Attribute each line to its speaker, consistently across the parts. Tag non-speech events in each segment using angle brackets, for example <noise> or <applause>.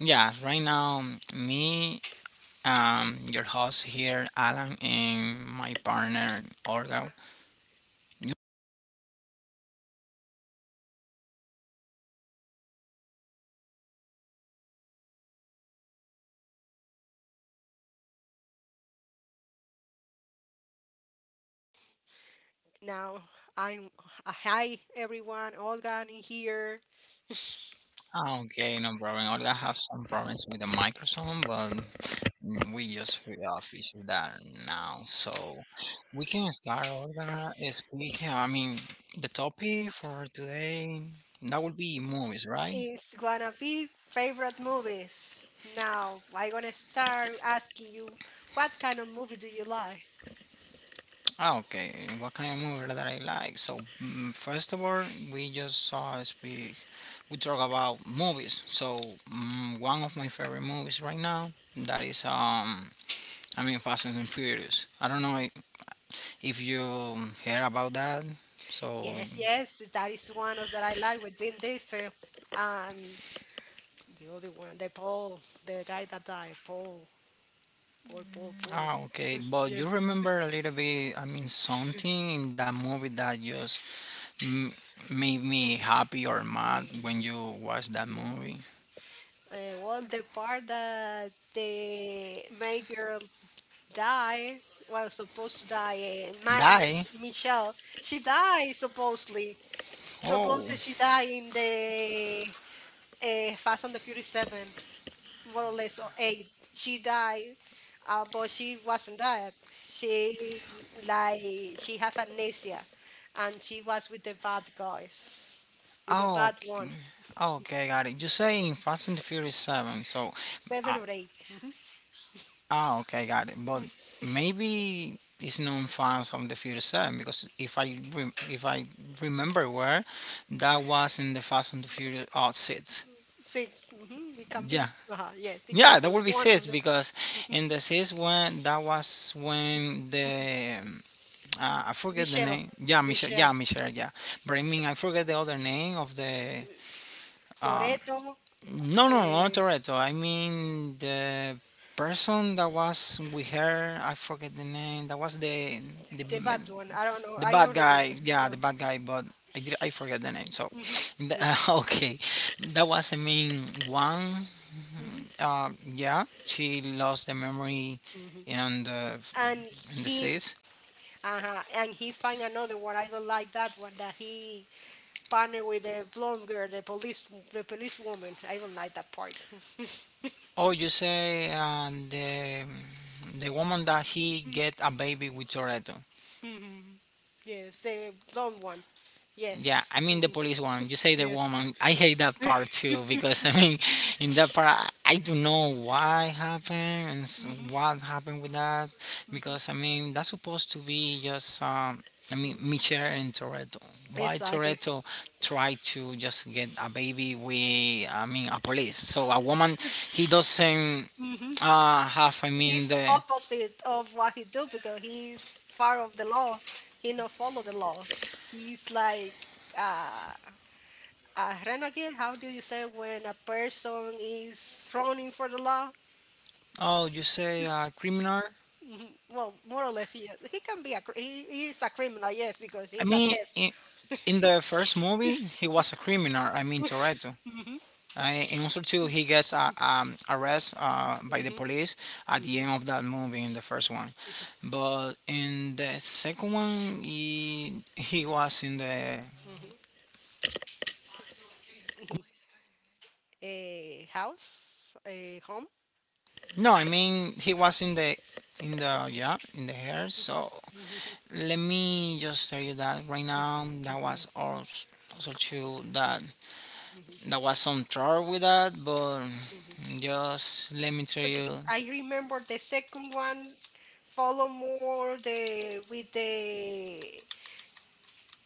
Speaker 1: yeah. Right now, me, your host here, Alan, and my partner Olga. You-
Speaker 2: Now I'm hi everyone, Olga in here
Speaker 1: Okay, no problem. Olga have some problems with the microphone, but we just fixed that now, so we can start. Olga, speak. I mean, the topic for today that would be movies, right?
Speaker 2: is gonna be favorite movies. Now I'm gonna start asking you what kind of movie do you like?
Speaker 1: Ah, okay. What kind of movie that I like? Like, So, first of all, we just saw speak. We talk about movies. So, one of my favorite movies right now that is I mean, Fast and Furious. I don't know if you hear about that. So,
Speaker 2: Yes, yes, that is one of that I like with Vin Diesel and the other one, the Paul, the guy that died, Paul, Paul.
Speaker 1: ah, okay. But
Speaker 2: Yeah.
Speaker 1: you remember a little bit. I mean, something in that movie that just mm, made me happy or mad
Speaker 2: Mm,
Speaker 1: when you watch that
Speaker 2: mm.
Speaker 1: movie.
Speaker 2: Well, the part that the major die. Well, supposed to die. And my,
Speaker 1: Die.
Speaker 2: Michelle, she died supposedly.
Speaker 1: Oh.
Speaker 2: Supposedly she died in the Fast and the Furious Seven, more or less or eight. She died, but she wasn't dead. She like she has amnesia, and she was with the bad guys, with the
Speaker 1: Oh.
Speaker 2: bad one.
Speaker 1: Okay, okay, got it. You say in Fast and the Furious Seven, so.
Speaker 2: Seven
Speaker 1: Uh,
Speaker 2: or eight,
Speaker 1: ah, okay, got it. But maybe it's known Fast and the Furious Seven because if I remember where, that was in the Fast and the Furious Six.
Speaker 2: six. Mm-hmm, it can be.
Speaker 1: Yeah,
Speaker 2: Uh-huh, yes, it can
Speaker 1: yeah, that
Speaker 2: be
Speaker 1: would be
Speaker 2: one of
Speaker 1: six
Speaker 2: the
Speaker 1: because in the six when that was when the uh, I forget the
Speaker 2: Michelle,
Speaker 1: name. Yeah, Michelle. Yeah,
Speaker 2: Michelle.
Speaker 1: Michelle. Yeah, but I mean, I forget the other name of the. Um,
Speaker 2: Toretto,
Speaker 1: no, no, no, not
Speaker 2: eh,
Speaker 1: Toretto. I mean the person that was with her. I forget the name. That was the the
Speaker 2: the fat one. I don't know.
Speaker 1: the
Speaker 2: I
Speaker 1: bad
Speaker 2: don't remember.
Speaker 1: guy. Yeah,
Speaker 2: No.
Speaker 1: the bad guy. But I did. I forget the name. So,
Speaker 2: Mhm.
Speaker 1: <laughs>
Speaker 2: Me too.
Speaker 1: okay, that was the main one.
Speaker 2: hmm
Speaker 1: Yeah, she lost the memory
Speaker 2: hmm
Speaker 1: and the
Speaker 2: And
Speaker 1: in the
Speaker 2: he,
Speaker 1: seats.
Speaker 2: and he find another one. I don't like that one. That he partner with the blonde girl, the police woman. I don't like that part. <laughs>
Speaker 1: Oh, you say the the woman that he get a baby with Toretto.
Speaker 2: Mhm. Yes, the blonde one.
Speaker 1: Yeah, I
Speaker 2: Yes.
Speaker 1: Yes. mean the
Speaker 2: Mhm.
Speaker 1: police one. You say the
Speaker 2: Yes.
Speaker 1: woman. I hate that part too because <laughs> I mean, in that part I don't know why happened and what happened with that because I mean that's supposed to be just I mean
Speaker 2: hmm
Speaker 1: Michelle and Toretto. Why Exactly.
Speaker 2: Exactly.
Speaker 1: Toretto try to just get a baby with I mean a police? So a woman he doesn't have I
Speaker 2: He's
Speaker 1: mean the
Speaker 2: opposite of what he do because he's far of the law. He not follow the law. He's like uh, a renegade. How do you say when a person is running for the law?
Speaker 1: Oh, you say criminal?
Speaker 2: Mhm. Well, more or less, he is. He can be a he is a criminal, yes, because
Speaker 1: I
Speaker 2: he's a
Speaker 1: mean,
Speaker 2: thief.
Speaker 1: in the first movie, he was a criminal. I mean, Toretto.
Speaker 2: hmm
Speaker 1: I, in also two, he gets arrested by
Speaker 2: hmm
Speaker 1: the
Speaker 2: hmm
Speaker 1: police at the end of that movie in the first one. But in the second one, he was in the
Speaker 2: hmm A house, a home.
Speaker 1: no. I mean, he was in the yeah in the hair. So
Speaker 2: hmm
Speaker 1: let me just tell you that right now that was also, also true that
Speaker 2: hmm
Speaker 1: that was some trouble with that, but
Speaker 2: hmm
Speaker 1: just let me tell you.
Speaker 2: Because I remember the second one follow more the with the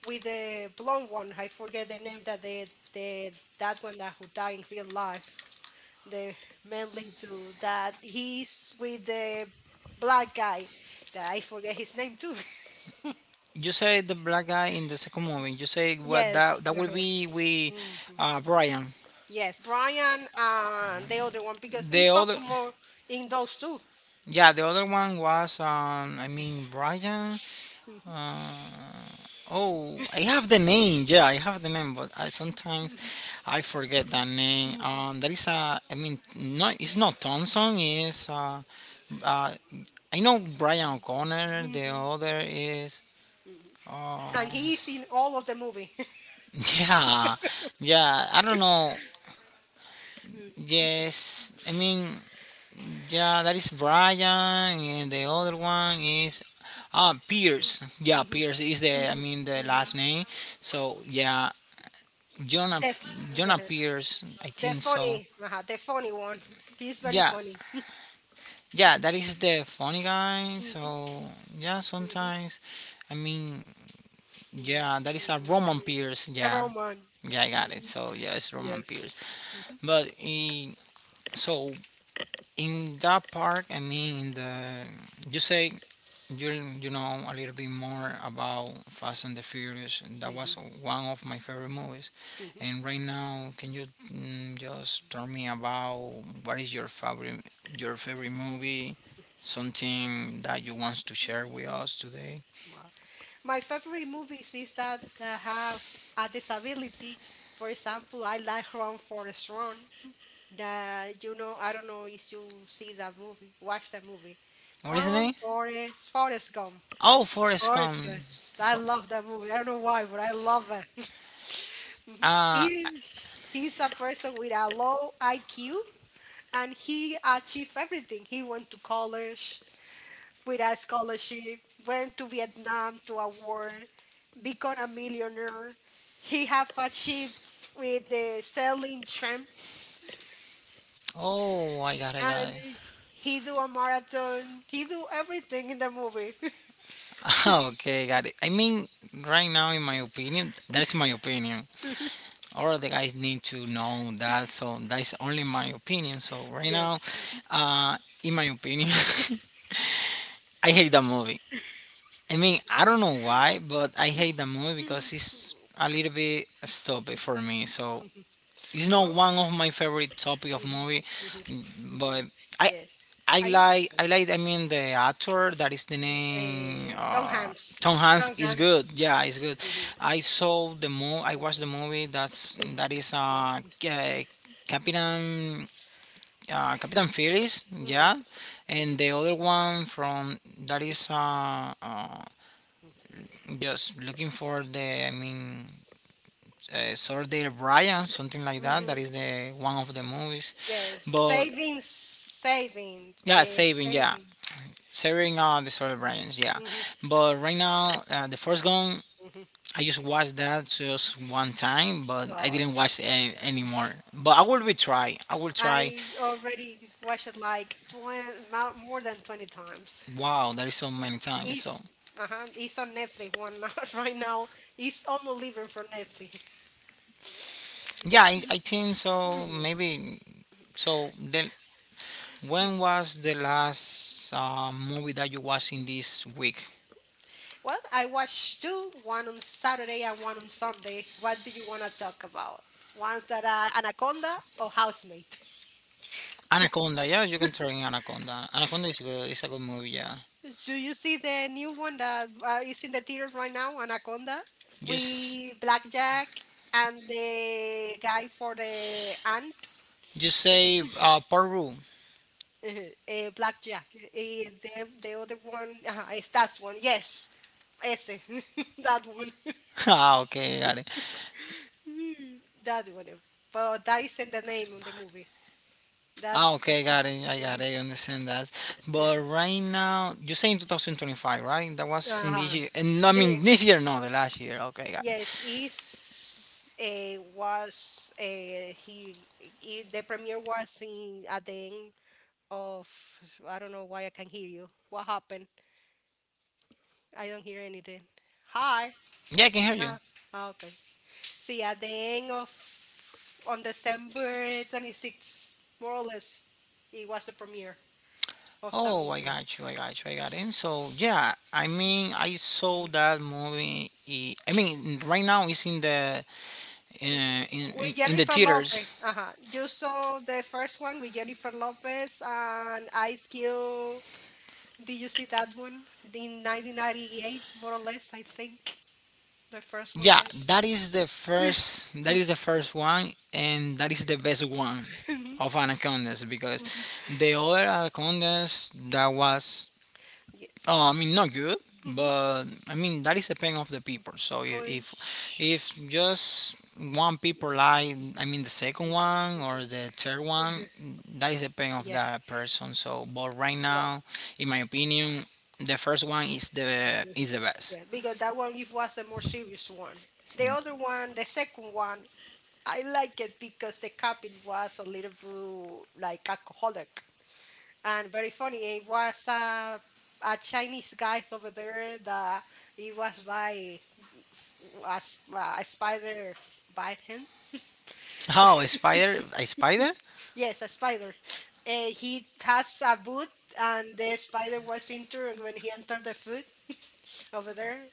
Speaker 2: with the blonde one. I forget the name that the that one that who died in real life. The main lead to that he's with the black guy that I forget his name too. <laughs>
Speaker 1: You say the black guy in the second movie. You say what
Speaker 2: Yes.
Speaker 1: that that will
Speaker 2: Uh-huh.
Speaker 1: be with
Speaker 2: Mhm.
Speaker 1: Brian.
Speaker 2: Yes, Brian and the other one because he
Speaker 1: The
Speaker 2: focused
Speaker 1: other,
Speaker 2: more in those two.
Speaker 1: yeah, the other one was I mean Brian.
Speaker 2: Mhm.
Speaker 1: Uh, oh, I have the name. Yeah, I have the name, but I, sometimes
Speaker 2: Mhm.
Speaker 1: I forget that name.
Speaker 2: Mhm.
Speaker 1: There is a. I mean, no, it's not Thompson. It's uh, I know Brian O'Connor. The
Speaker 2: Mhm.
Speaker 1: other is.
Speaker 2: Mhm.
Speaker 1: Uh,
Speaker 2: And he's in all of the movie.
Speaker 1: <laughs> yeah, yeah. I don't know.
Speaker 2: <laughs>
Speaker 1: Yes, I mean, yeah. That is Brian, and the other one is. Ah, Pierce. Yeah,
Speaker 2: Mhm,
Speaker 1: Pierce is the. I
Speaker 2: mhm,
Speaker 1: mean, the last
Speaker 2: mhm,
Speaker 1: name. So yeah, Jonah
Speaker 2: the, f-
Speaker 1: Jonah
Speaker 2: the
Speaker 1: Pierce, I
Speaker 2: the
Speaker 1: think so.
Speaker 2: the funny one. He's very
Speaker 1: Yeah,
Speaker 2: funny.
Speaker 1: yeah, that is the funny guy.
Speaker 2: mhm,
Speaker 1: So yeah,
Speaker 2: mhm,
Speaker 1: sometimes, I mean,
Speaker 2: mhm,
Speaker 1: yeah, that is a Roman Pierce.
Speaker 2: mhm,
Speaker 1: Yeah,
Speaker 2: Roman.
Speaker 1: yeah, I
Speaker 2: yeah,
Speaker 1: got it.
Speaker 2: mhm,
Speaker 1: So yeah, it's Roman
Speaker 2: Yes.
Speaker 1: Pierce. But so in that part, I mean, in the you say You'll you know a little bit more about Fast and the Furious. That
Speaker 2: Mhm,
Speaker 1: was one of my favorite movies.
Speaker 2: mhm,
Speaker 1: And right now, can you just tell me about what is your favorite movie? Something that you want to share with us today?
Speaker 2: Wow. My favorite movies is that have a disability. For example, I like Run Forest Run. That I don't know if you see that movie, watch that movie.
Speaker 1: What is the
Speaker 2: Run
Speaker 1: name?
Speaker 2: Forest Forest Gump.
Speaker 1: Oh, Forrest Gump.
Speaker 2: Forrest Gump. I love that movie. I don't know why, but I love it. <laughs> Mhm.
Speaker 1: Uh,
Speaker 2: He's a person with a low IQ, and he achieved everything. He went to college with a scholarship, went to Vietnam to a war, become a millionaire. He have achieved with the selling tramps,
Speaker 1: oh, I got
Speaker 2: and
Speaker 1: it.
Speaker 2: he do a marathon. He do everything in the movie.
Speaker 1: <laughs> okay, got it. I mean, right now, in my opinion, that's my opinion.
Speaker 2: <laughs>
Speaker 1: Or the guys need to know that. So that's only my opinion. So right now,
Speaker 2: Yes.
Speaker 1: uh, in my opinion, <laughs> I hate that movie. I mean, I don't know why, but I hate that movie because it's
Speaker 2: <laughs>
Speaker 1: a little bit stupid for me. So it's not
Speaker 2: Well.
Speaker 1: one of my favorite topic of movie,
Speaker 2: Mhm, mhm,
Speaker 1: but
Speaker 2: mhm.
Speaker 1: I
Speaker 2: Yes, I
Speaker 1: I
Speaker 2: understand.
Speaker 1: like I mean the actor that is the name
Speaker 2: Tom Hanks.
Speaker 1: Tom
Speaker 2: Tom
Speaker 1: Hanks is good
Speaker 2: Hanks.
Speaker 1: yeah it's good
Speaker 2: Mhm,
Speaker 1: I saw the mo I watched the movie that's
Speaker 2: mhm,
Speaker 1: that
Speaker 2: mhm,
Speaker 1: is Captain Captain Phillips yeah
Speaker 2: mhm,
Speaker 1: and
Speaker 2: mhm,
Speaker 1: the other one from that is
Speaker 2: mhm,
Speaker 1: just looking for the I mean Saturday Brian something like that that
Speaker 2: mhm.
Speaker 1: is the one of the movies
Speaker 2: Yes,
Speaker 1: but yeah saving yeah
Speaker 2: saving.
Speaker 1: Severing all the solar branches, yeah.
Speaker 2: Mhm,
Speaker 1: But right now, the first gun,
Speaker 2: mhm.
Speaker 1: I just watched that just one time, but I
Speaker 2: Oh,
Speaker 1: didn't watch any anymore. But I will retry. I will try.
Speaker 2: I already watched it like 20, more than 20 times.
Speaker 1: Wow, that is so
Speaker 2: It-
Speaker 1: many times.
Speaker 2: It's,
Speaker 1: So
Speaker 2: uh-huh, it's on Netflix one now, <laughs> right now. It's unbelievable for Netflix.
Speaker 1: yeah, I think so. Maybe so. Then when was the last movie that you watching this week?
Speaker 2: Well, I watched two, one on Saturday and one on Sunday. What do you want to talk about? Ones that are Anaconda or Housemaid?
Speaker 1: Anaconda. Yeah, you can try Anaconda. Anaconda is good. It's a good movie. Yeah.
Speaker 2: <laughs> Do you see the new one that is in the theaters right now, Anaconda,
Speaker 1: Just
Speaker 2: with Blackjack and the guy for the aunt,
Speaker 1: You say per room.
Speaker 2: <laughs> Blackjack. The other one, it's that one. Yes, ese, <laughs> that one,
Speaker 1: <laughs> Ah, okay, got it.
Speaker 2: <laughs> that one. But that isn't the name of the movie. That.
Speaker 1: Ah, okay, got it. I got
Speaker 2: <laughs>
Speaker 1: it. I understand that. But right now, you say in 2025, right? That was in this
Speaker 2: Uh-huh.
Speaker 1: year. And no, I
Speaker 2: The,
Speaker 1: mean this year, no, the last year. Okay, got it.
Speaker 2: yes, is uh, was uh, he, the premiere was in at the end of I don't know why I can't hear you. What happened? I don't hear anything. Hi.
Speaker 1: Yeah, I can hear you.
Speaker 2: Ah, okay. See, at the end of on December 26th, more or less, it was the premiere of the
Speaker 1: Oh,
Speaker 2: movie.
Speaker 1: I got you. I got it. So, yeah, I mean, I saw
Speaker 2: Mhm.
Speaker 1: that movie. I mean, right now it's
Speaker 2: With
Speaker 1: in the
Speaker 2: Jennifer
Speaker 1: theaters.
Speaker 2: Lopez. Uh-huh. You saw the first one with Jennifer Lopez and Ice Cube. Did you see that one? In 1998, more or less, I think. The first one
Speaker 1: Yeah,
Speaker 2: that.
Speaker 1: that is the first that is the first one and that is the best one
Speaker 2: Mhm. Mhm.
Speaker 1: of anacondas because
Speaker 2: <laughs>
Speaker 1: the other anacondas that was Oh, I
Speaker 2: Yes.
Speaker 1: mean, not good,
Speaker 2: Mhm.
Speaker 1: but I mean that is the pain of the people. So
Speaker 2: But
Speaker 1: if just one people lie, I mean the second one or the third one,
Speaker 2: Mhm.
Speaker 1: that is the pain of
Speaker 2: yeah,
Speaker 1: that person. So, but right
Speaker 2: well,
Speaker 1: now, in my opinion, the first one
Speaker 2: mm-hmm.
Speaker 1: is the best.
Speaker 2: Yeah, because that one it was a more serious one. The other one, the second one, I like it because the cabin was a little bit like alcoholic, and very funny. It was a Chinese guy over there that he was by f- a spider bite him.
Speaker 1: How a spider? A spider?
Speaker 2: Yes, a spider. He has a boot, and the spider was injured when he entered the food over there.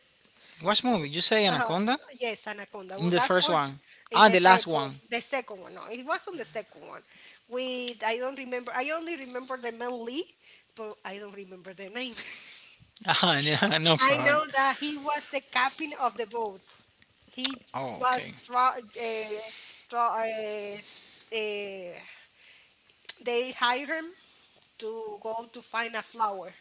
Speaker 1: What movie? You say
Speaker 2: Uh,
Speaker 1: anaconda?
Speaker 2: yes, anaconda.
Speaker 1: In
Speaker 2: Well,
Speaker 1: the
Speaker 2: that's
Speaker 1: first
Speaker 2: one
Speaker 1: one.
Speaker 2: in
Speaker 1: Ah, the last one.
Speaker 2: the
Speaker 1: <laughs>
Speaker 2: second one. No, it was on the second one. With I don't remember. I only remember the Mel Lee, but I don't remember the name.
Speaker 1: Ah, yeah, no
Speaker 2: I
Speaker 1: problem.
Speaker 2: know that he was the captain of the boat. He
Speaker 1: Oh, okay.
Speaker 2: was tra- uh, s- uh, they hired him to go to find a flower.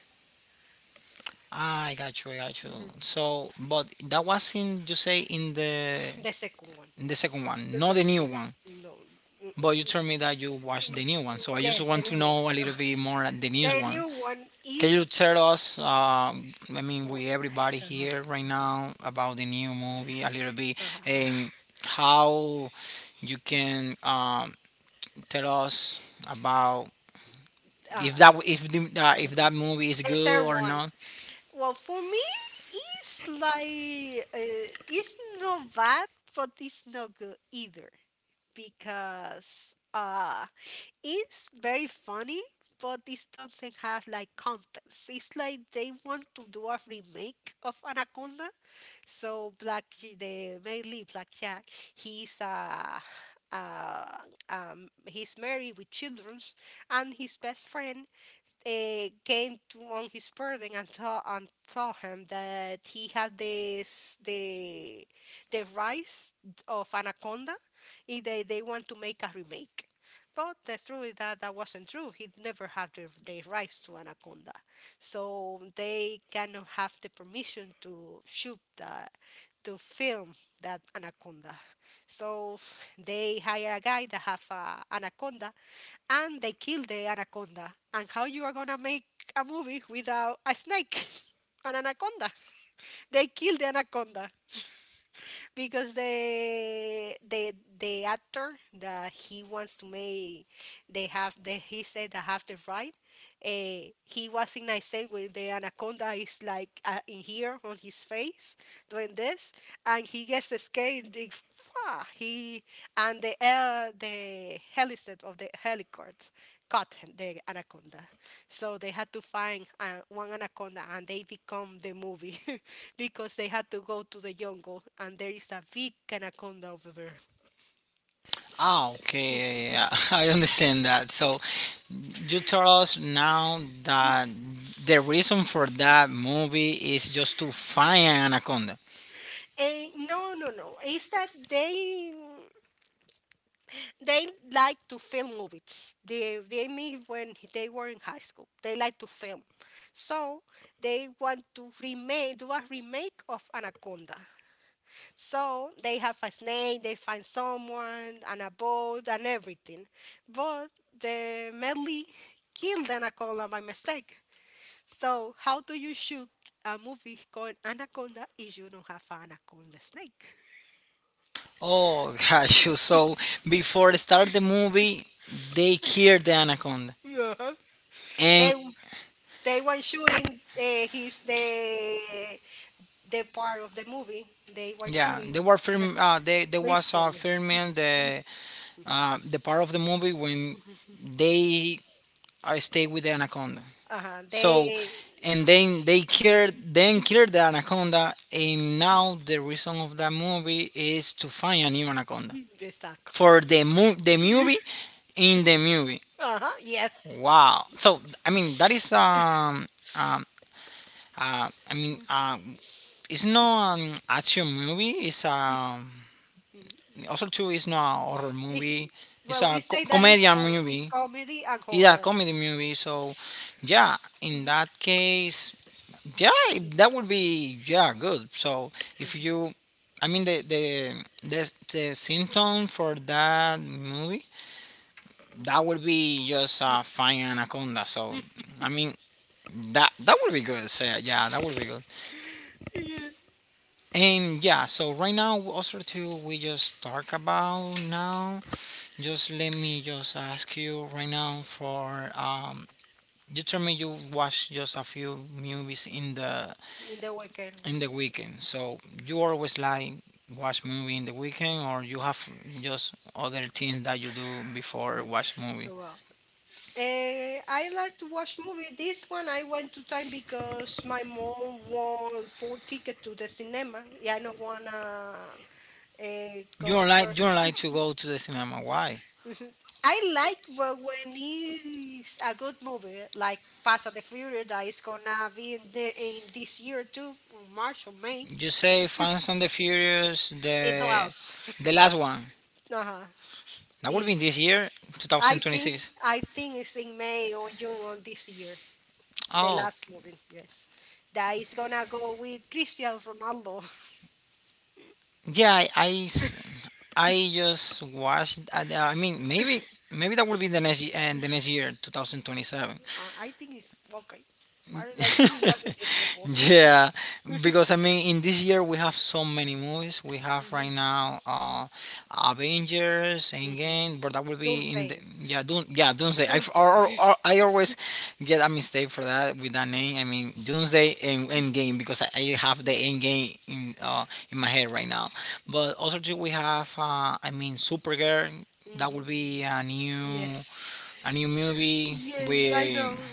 Speaker 1: I got you.
Speaker 2: Mhm.
Speaker 1: So, but that was in you say
Speaker 2: The second one
Speaker 1: in the second one, not the
Speaker 2: because
Speaker 1: new one.
Speaker 2: no, mm, mm,
Speaker 1: But you told
Speaker 2: mm,
Speaker 1: me that you watched the new one, so I just
Speaker 2: yes, the
Speaker 1: want to
Speaker 2: new one.
Speaker 1: know a little bit more at the new
Speaker 2: The
Speaker 1: one.
Speaker 2: new one
Speaker 1: Can you
Speaker 2: is
Speaker 1: tell us, I mean, with
Speaker 2: what?
Speaker 1: everybody
Speaker 2: Uh-huh.
Speaker 1: here right now, about the new movie a little bit and
Speaker 2: Uh-huh.
Speaker 1: how you can tell us about
Speaker 2: Uh,
Speaker 1: if the,
Speaker 2: mhm.
Speaker 1: if that movie is
Speaker 2: The
Speaker 1: good
Speaker 2: third
Speaker 1: or
Speaker 2: one.
Speaker 1: not?
Speaker 2: Well, for me, it's like it's not bad, but it's not good either, because it's very funny, but this doesn't have like context. It's like they want to do a remake of Anaconda, so black the mainly Blackjack, he's uh uh, he's married with children, and his best friend came to on his person and told him that he had this the rise of Anaconda, and they want to make a remake. But the truth is that that wasn't true. He never had the rights to Anaconda, so they cannot have the permission to shoot the to film that Anaconda. So they hire a guy that have a Anaconda and they kill the anaconda. And how you are gonna make a movie without a snake? <laughs> An anaconda. They kill the anaconda because the actor that he wants to make they have the he said they have the right. He was in I say when the anaconda is like in here on his face doing this and he gets scared and he and the helicopter of the helicopter caught him, the anaconda, so they had to find one anaconda and they become the movie. <laughs> Because they had to go to the jungle and there is a big anaconda over there.
Speaker 1: Ah, okay, yeah, yeah, yeah. <laughs> I understand that. So you tell us now that the reason for that movie is just to find an anaconda.
Speaker 2: And no, no, no. It's that they like to film movies. They meet when they were in high school. They like to film, so they want to remake do a remake of Anaconda. So they have a snake. They find someone and a boat and everything, but the medley killed the anaconda by mistake. So, how do you shoot a movie called Anaconda if you don't have an anaconda snake? <laughs>
Speaker 1: Oh <laughs> gosh, so before they start the movie, they killed the anaconda,
Speaker 2: Yeah. They
Speaker 1: and
Speaker 2: they were shooting his the part of the movie. They were
Speaker 1: yeah, they
Speaker 2: shooting.
Speaker 1: were
Speaker 2: uh,
Speaker 1: film. They there
Speaker 2: They
Speaker 1: was a
Speaker 2: filmed.
Speaker 1: filming the part of the movie when they I stay with the anaconda.
Speaker 2: Uh-huh.
Speaker 1: So,
Speaker 2: They
Speaker 1: and then they killed then killed
Speaker 2: <laughs>
Speaker 1: the anaconda, and now the reason of that movie is to find a new anaconda
Speaker 2: exactly.
Speaker 1: for the the movie in the movie.
Speaker 2: Uh-huh. Yes.
Speaker 1: Wow. So I mean that is um I mean
Speaker 2: He-
Speaker 1: it's not an action movie. It's also too it's not a horror movie.
Speaker 2: <laughs>
Speaker 1: It's
Speaker 2: well, he
Speaker 1: a
Speaker 2: say that it's
Speaker 1: comedian
Speaker 2: for it's
Speaker 1: movie.
Speaker 2: comedy and
Speaker 1: It's a
Speaker 2: horror.
Speaker 1: comedy movie. So yeah, in
Speaker 2: Mhm.
Speaker 1: that case yeah that would be yeah good so if
Speaker 2: Mhm.
Speaker 1: you I mean the, the symptom for that movie that would be just fine anaconda so I mean that would be good so yeah yeah, that would be good
Speaker 2: Yeah.
Speaker 1: and yeah so right now also too we just talk about now just let me just ask you right now for you told me you watched just a few movies
Speaker 2: In the weekend.
Speaker 1: in the weekend. So you always like watch movie in the weekend, or you have just other things that you do before watch movie.
Speaker 2: Well, I like to watch movie. This one I went to time because my mom won four ticket to the cinema. Yeah, I don't wanna uh, go. through-
Speaker 1: You don't like to go to the cinema. Why?
Speaker 2: <laughs> Mhm. I like but when it's a good movie like Fast and the Furious that is gonna be in the in this year too, March or May.
Speaker 1: You say Fast and the Furious, the
Speaker 2: It does.
Speaker 1: the last, one
Speaker 2: Uh-huh.
Speaker 1: that will be in
Speaker 2: This
Speaker 1: this year, I
Speaker 2: I think
Speaker 1: 2026.
Speaker 2: I think it's in May or June on this year. The
Speaker 1: Oh,
Speaker 2: last movie, yes that is gonna go with Cristiano Ronaldo.
Speaker 1: yeah, I just watched. I mean, maybe that will be the and the next year, 2027.
Speaker 2: I think it's okay. I think he was a faithful
Speaker 1: <laughs>
Speaker 2: boy.
Speaker 1: yeah, because I mean, in this year we have so many movies. We have right
Speaker 2: <laughs>
Speaker 1: now Avengers,
Speaker 2: hmm
Speaker 1: Endgame, but that will be in the
Speaker 2: Doomsday.
Speaker 1: yeah, Doom, yeah, Doomsday. I, f-
Speaker 2: Doomsday.
Speaker 1: or I always get a mistake for that with that name. I mean, Doomsday and Endgame because I have the Endgame in my head right now. But also too, we have I mean Supergirl. That will
Speaker 2: Mhm.
Speaker 1: be
Speaker 2: <laughs> Yes.
Speaker 1: a new movie.
Speaker 2: Yes, I
Speaker 1: We
Speaker 2: know.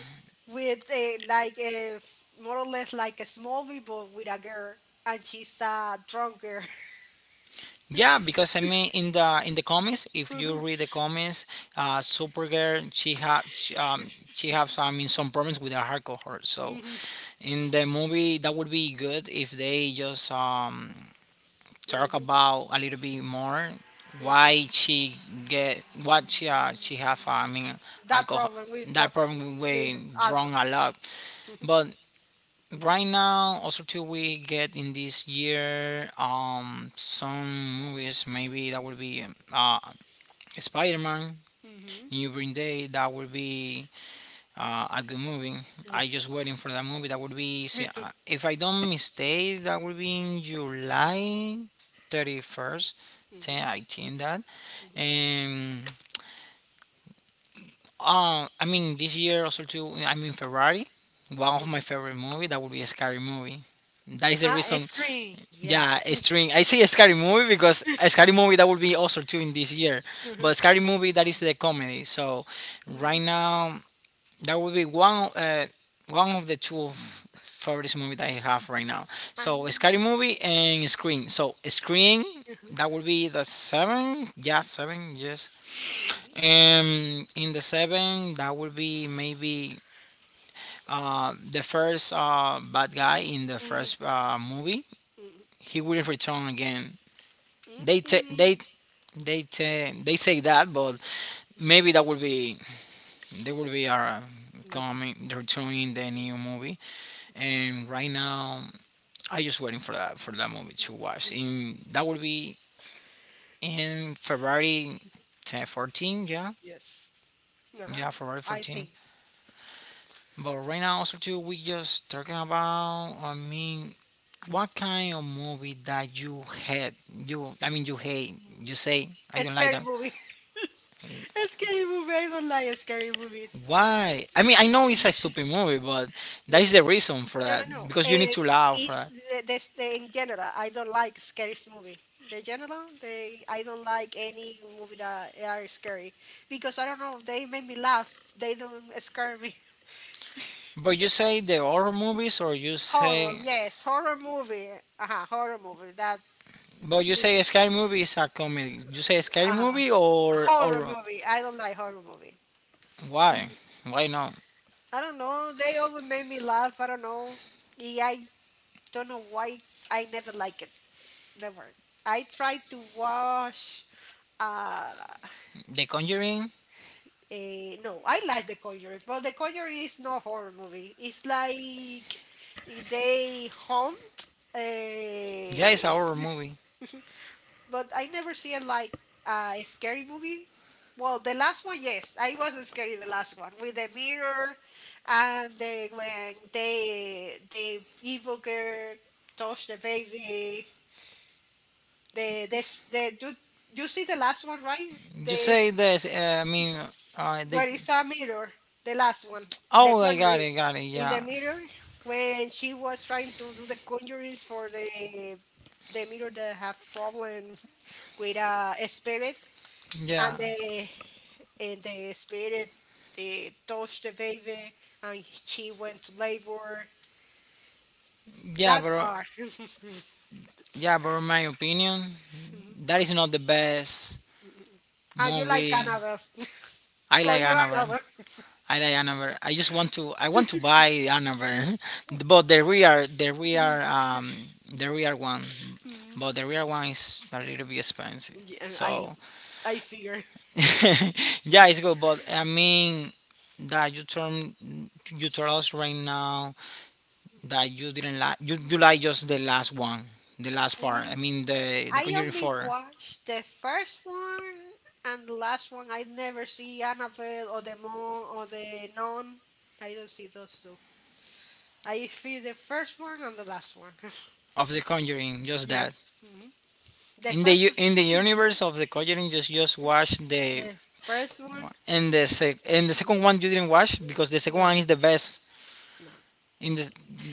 Speaker 2: With a more or less like a small people with a girl, and she's a drunk girl.
Speaker 1: Yeah, because I mean, in the comics, if you read
Speaker 2: <laughs>
Speaker 1: the comics, Supergirl she has I mean some problems with her alcohol. So
Speaker 2: Mhm,
Speaker 1: in the movie, that would be good if they just talk
Speaker 2: mhm,
Speaker 1: about a little bit more why
Speaker 2: mhm.
Speaker 1: she get what she have I mean
Speaker 2: That
Speaker 1: alcohol
Speaker 2: problem with drug,
Speaker 1: that problem
Speaker 2: with
Speaker 1: with
Speaker 2: alcohol.
Speaker 1: drunk a lot.
Speaker 2: <laughs>
Speaker 1: But right now also too we get in this year some movies maybe that would be spider-man
Speaker 2: Mhm.
Speaker 1: new green day that would be a good movie. I
Speaker 2: Yes,
Speaker 1: just waiting for that movie that would be
Speaker 2: me
Speaker 1: see,
Speaker 2: too.
Speaker 1: if I don't mistake that would be in July 31st, 10, I think that. And I mean, this year also too, I mean, Ferrari, one of my
Speaker 2: Mhm.
Speaker 1: favorite movie. That would be a scary movie. That is the
Speaker 2: Ah,
Speaker 1: reason.
Speaker 2: ice cream. Yes.
Speaker 1: Yeah, a
Speaker 2: <laughs>
Speaker 1: string. I say a scary movie because a scary movie that would be also too in this year.
Speaker 2: Mhm.
Speaker 1: But scary movie that is the comedy. So right
Speaker 2: Mhm.
Speaker 1: now that would be one one of the two favorite movie that I have right now.
Speaker 2: Ah,
Speaker 1: So a scary
Speaker 2: mhm.
Speaker 1: movie and Screen. So Screen
Speaker 2: Mhm.
Speaker 1: that would be the seven. Yeah, seven. Yes,
Speaker 2: Mhm.
Speaker 1: in the seven, that would be maybe the first bad guy in the
Speaker 2: Mhm.
Speaker 1: first movie. He wouldn't return again. They ta
Speaker 2: Mhm.
Speaker 1: they they ta they say that, but maybe
Speaker 2: Mhm.
Speaker 1: that would be they would be
Speaker 2: <laughs> Nothing.
Speaker 1: coming returning the new movie. And right now, I just waiting for that movie to watch. In that would be in February 10, 14, yeah,
Speaker 2: Yes.
Speaker 1: yeah,
Speaker 2: Uh-huh.
Speaker 1: February
Speaker 2: I
Speaker 1: 14.
Speaker 2: think.
Speaker 1: But right now, also too, we just talking about, I mean, what kind of movie that you hate? You, I mean, you hate. You say I
Speaker 2: A
Speaker 1: don't like
Speaker 2: scary
Speaker 1: that.
Speaker 2: movie. <laughs> A scary movie. I don't like scary movies.
Speaker 1: Why? I mean, I know it's a stupid movie, but that is
Speaker 2: Yes.
Speaker 1: the reason for
Speaker 2: No, no,
Speaker 1: that
Speaker 2: no.
Speaker 1: because you need to laugh,
Speaker 2: It's
Speaker 1: right?
Speaker 2: in general. I don't like scary movie. The general, they I don't like any movie that are scary because I don't know. They make me laugh. They don't scare me.
Speaker 1: But you say the horror movies, or you
Speaker 2: Horror,
Speaker 1: say,
Speaker 2: yes, horror movie. Uh-huh, horror movie.
Speaker 1: but you
Speaker 2: This,
Speaker 1: say a scary movie is a comedy. You say a scary
Speaker 2: uh-huh,
Speaker 1: movie
Speaker 2: horror
Speaker 1: or
Speaker 2: movie. I don't like horror movie.
Speaker 1: why?
Speaker 2: Mhm.
Speaker 1: Why not?
Speaker 2: I don't know. They always make me laugh. I don't know. Yeah, I don't know why. I never like it. Never. I tried to watch. Uh,
Speaker 1: The Conjuring.
Speaker 2: no, I like The Conjuring, but The Conjuring is not horror movie. It's like they hunt
Speaker 1: Yeah, it's a
Speaker 2: uh,
Speaker 1: horror movie.
Speaker 2: but I never see it like a scary movie. Well, the last one, yes, I was scary the last one with the mirror and the when they the evil girl touched the baby. The this the You see the last one, right?
Speaker 1: You
Speaker 2: The
Speaker 1: say this. I mean, they.
Speaker 2: Where is a mirror? The last one, the
Speaker 1: Oh, I got
Speaker 2: conjuring.
Speaker 1: it, got it.
Speaker 2: In the
Speaker 1: Yeah,
Speaker 2: mirror, when she was trying to do the conjuring for the mirror that have problem with a spirit.
Speaker 1: yeah,
Speaker 2: And the and the spirit the touched the baby, and he went to labor.
Speaker 1: yeah,
Speaker 2: That
Speaker 1: but
Speaker 2: part. <laughs>
Speaker 1: yeah, but in my opinion, that is not the best
Speaker 2: Ah, you like
Speaker 1: movie.
Speaker 2: another? <laughs>
Speaker 1: I
Speaker 2: For
Speaker 1: like
Speaker 2: you
Speaker 1: Annabelle.
Speaker 2: another.
Speaker 1: I like Annabelle. I just want to. I want to buy Annabelle, <laughs> but the real, the real,
Speaker 2: <laughs>
Speaker 1: the real one.
Speaker 2: Mm,
Speaker 1: But the real one is a little bit expensive.
Speaker 2: yeah, I
Speaker 1: So
Speaker 2: I figure.
Speaker 1: <laughs> yeah, it's good, but I mean that you turn you told us right now that you didn't like you do like just the last one, the last part. I
Speaker 2: Mm,
Speaker 1: mean the
Speaker 2: I
Speaker 1: Conjuring
Speaker 2: only
Speaker 1: Four
Speaker 2: watched the first one and the last one. I never see Annabelle or the Mom or the Nun. I don't see those two. I see the first one and the last one. <laughs>
Speaker 1: of the Conjuring, just that.
Speaker 2: Yes. Mhm. The
Speaker 1: In the
Speaker 2: first
Speaker 1: u-
Speaker 2: one-
Speaker 1: in the universe of the Conjuring, just watch the
Speaker 2: the first one.
Speaker 1: and the sec, and the second one you didn't watch because the second
Speaker 2: No,
Speaker 1: one is the best.
Speaker 2: no.
Speaker 1: In this,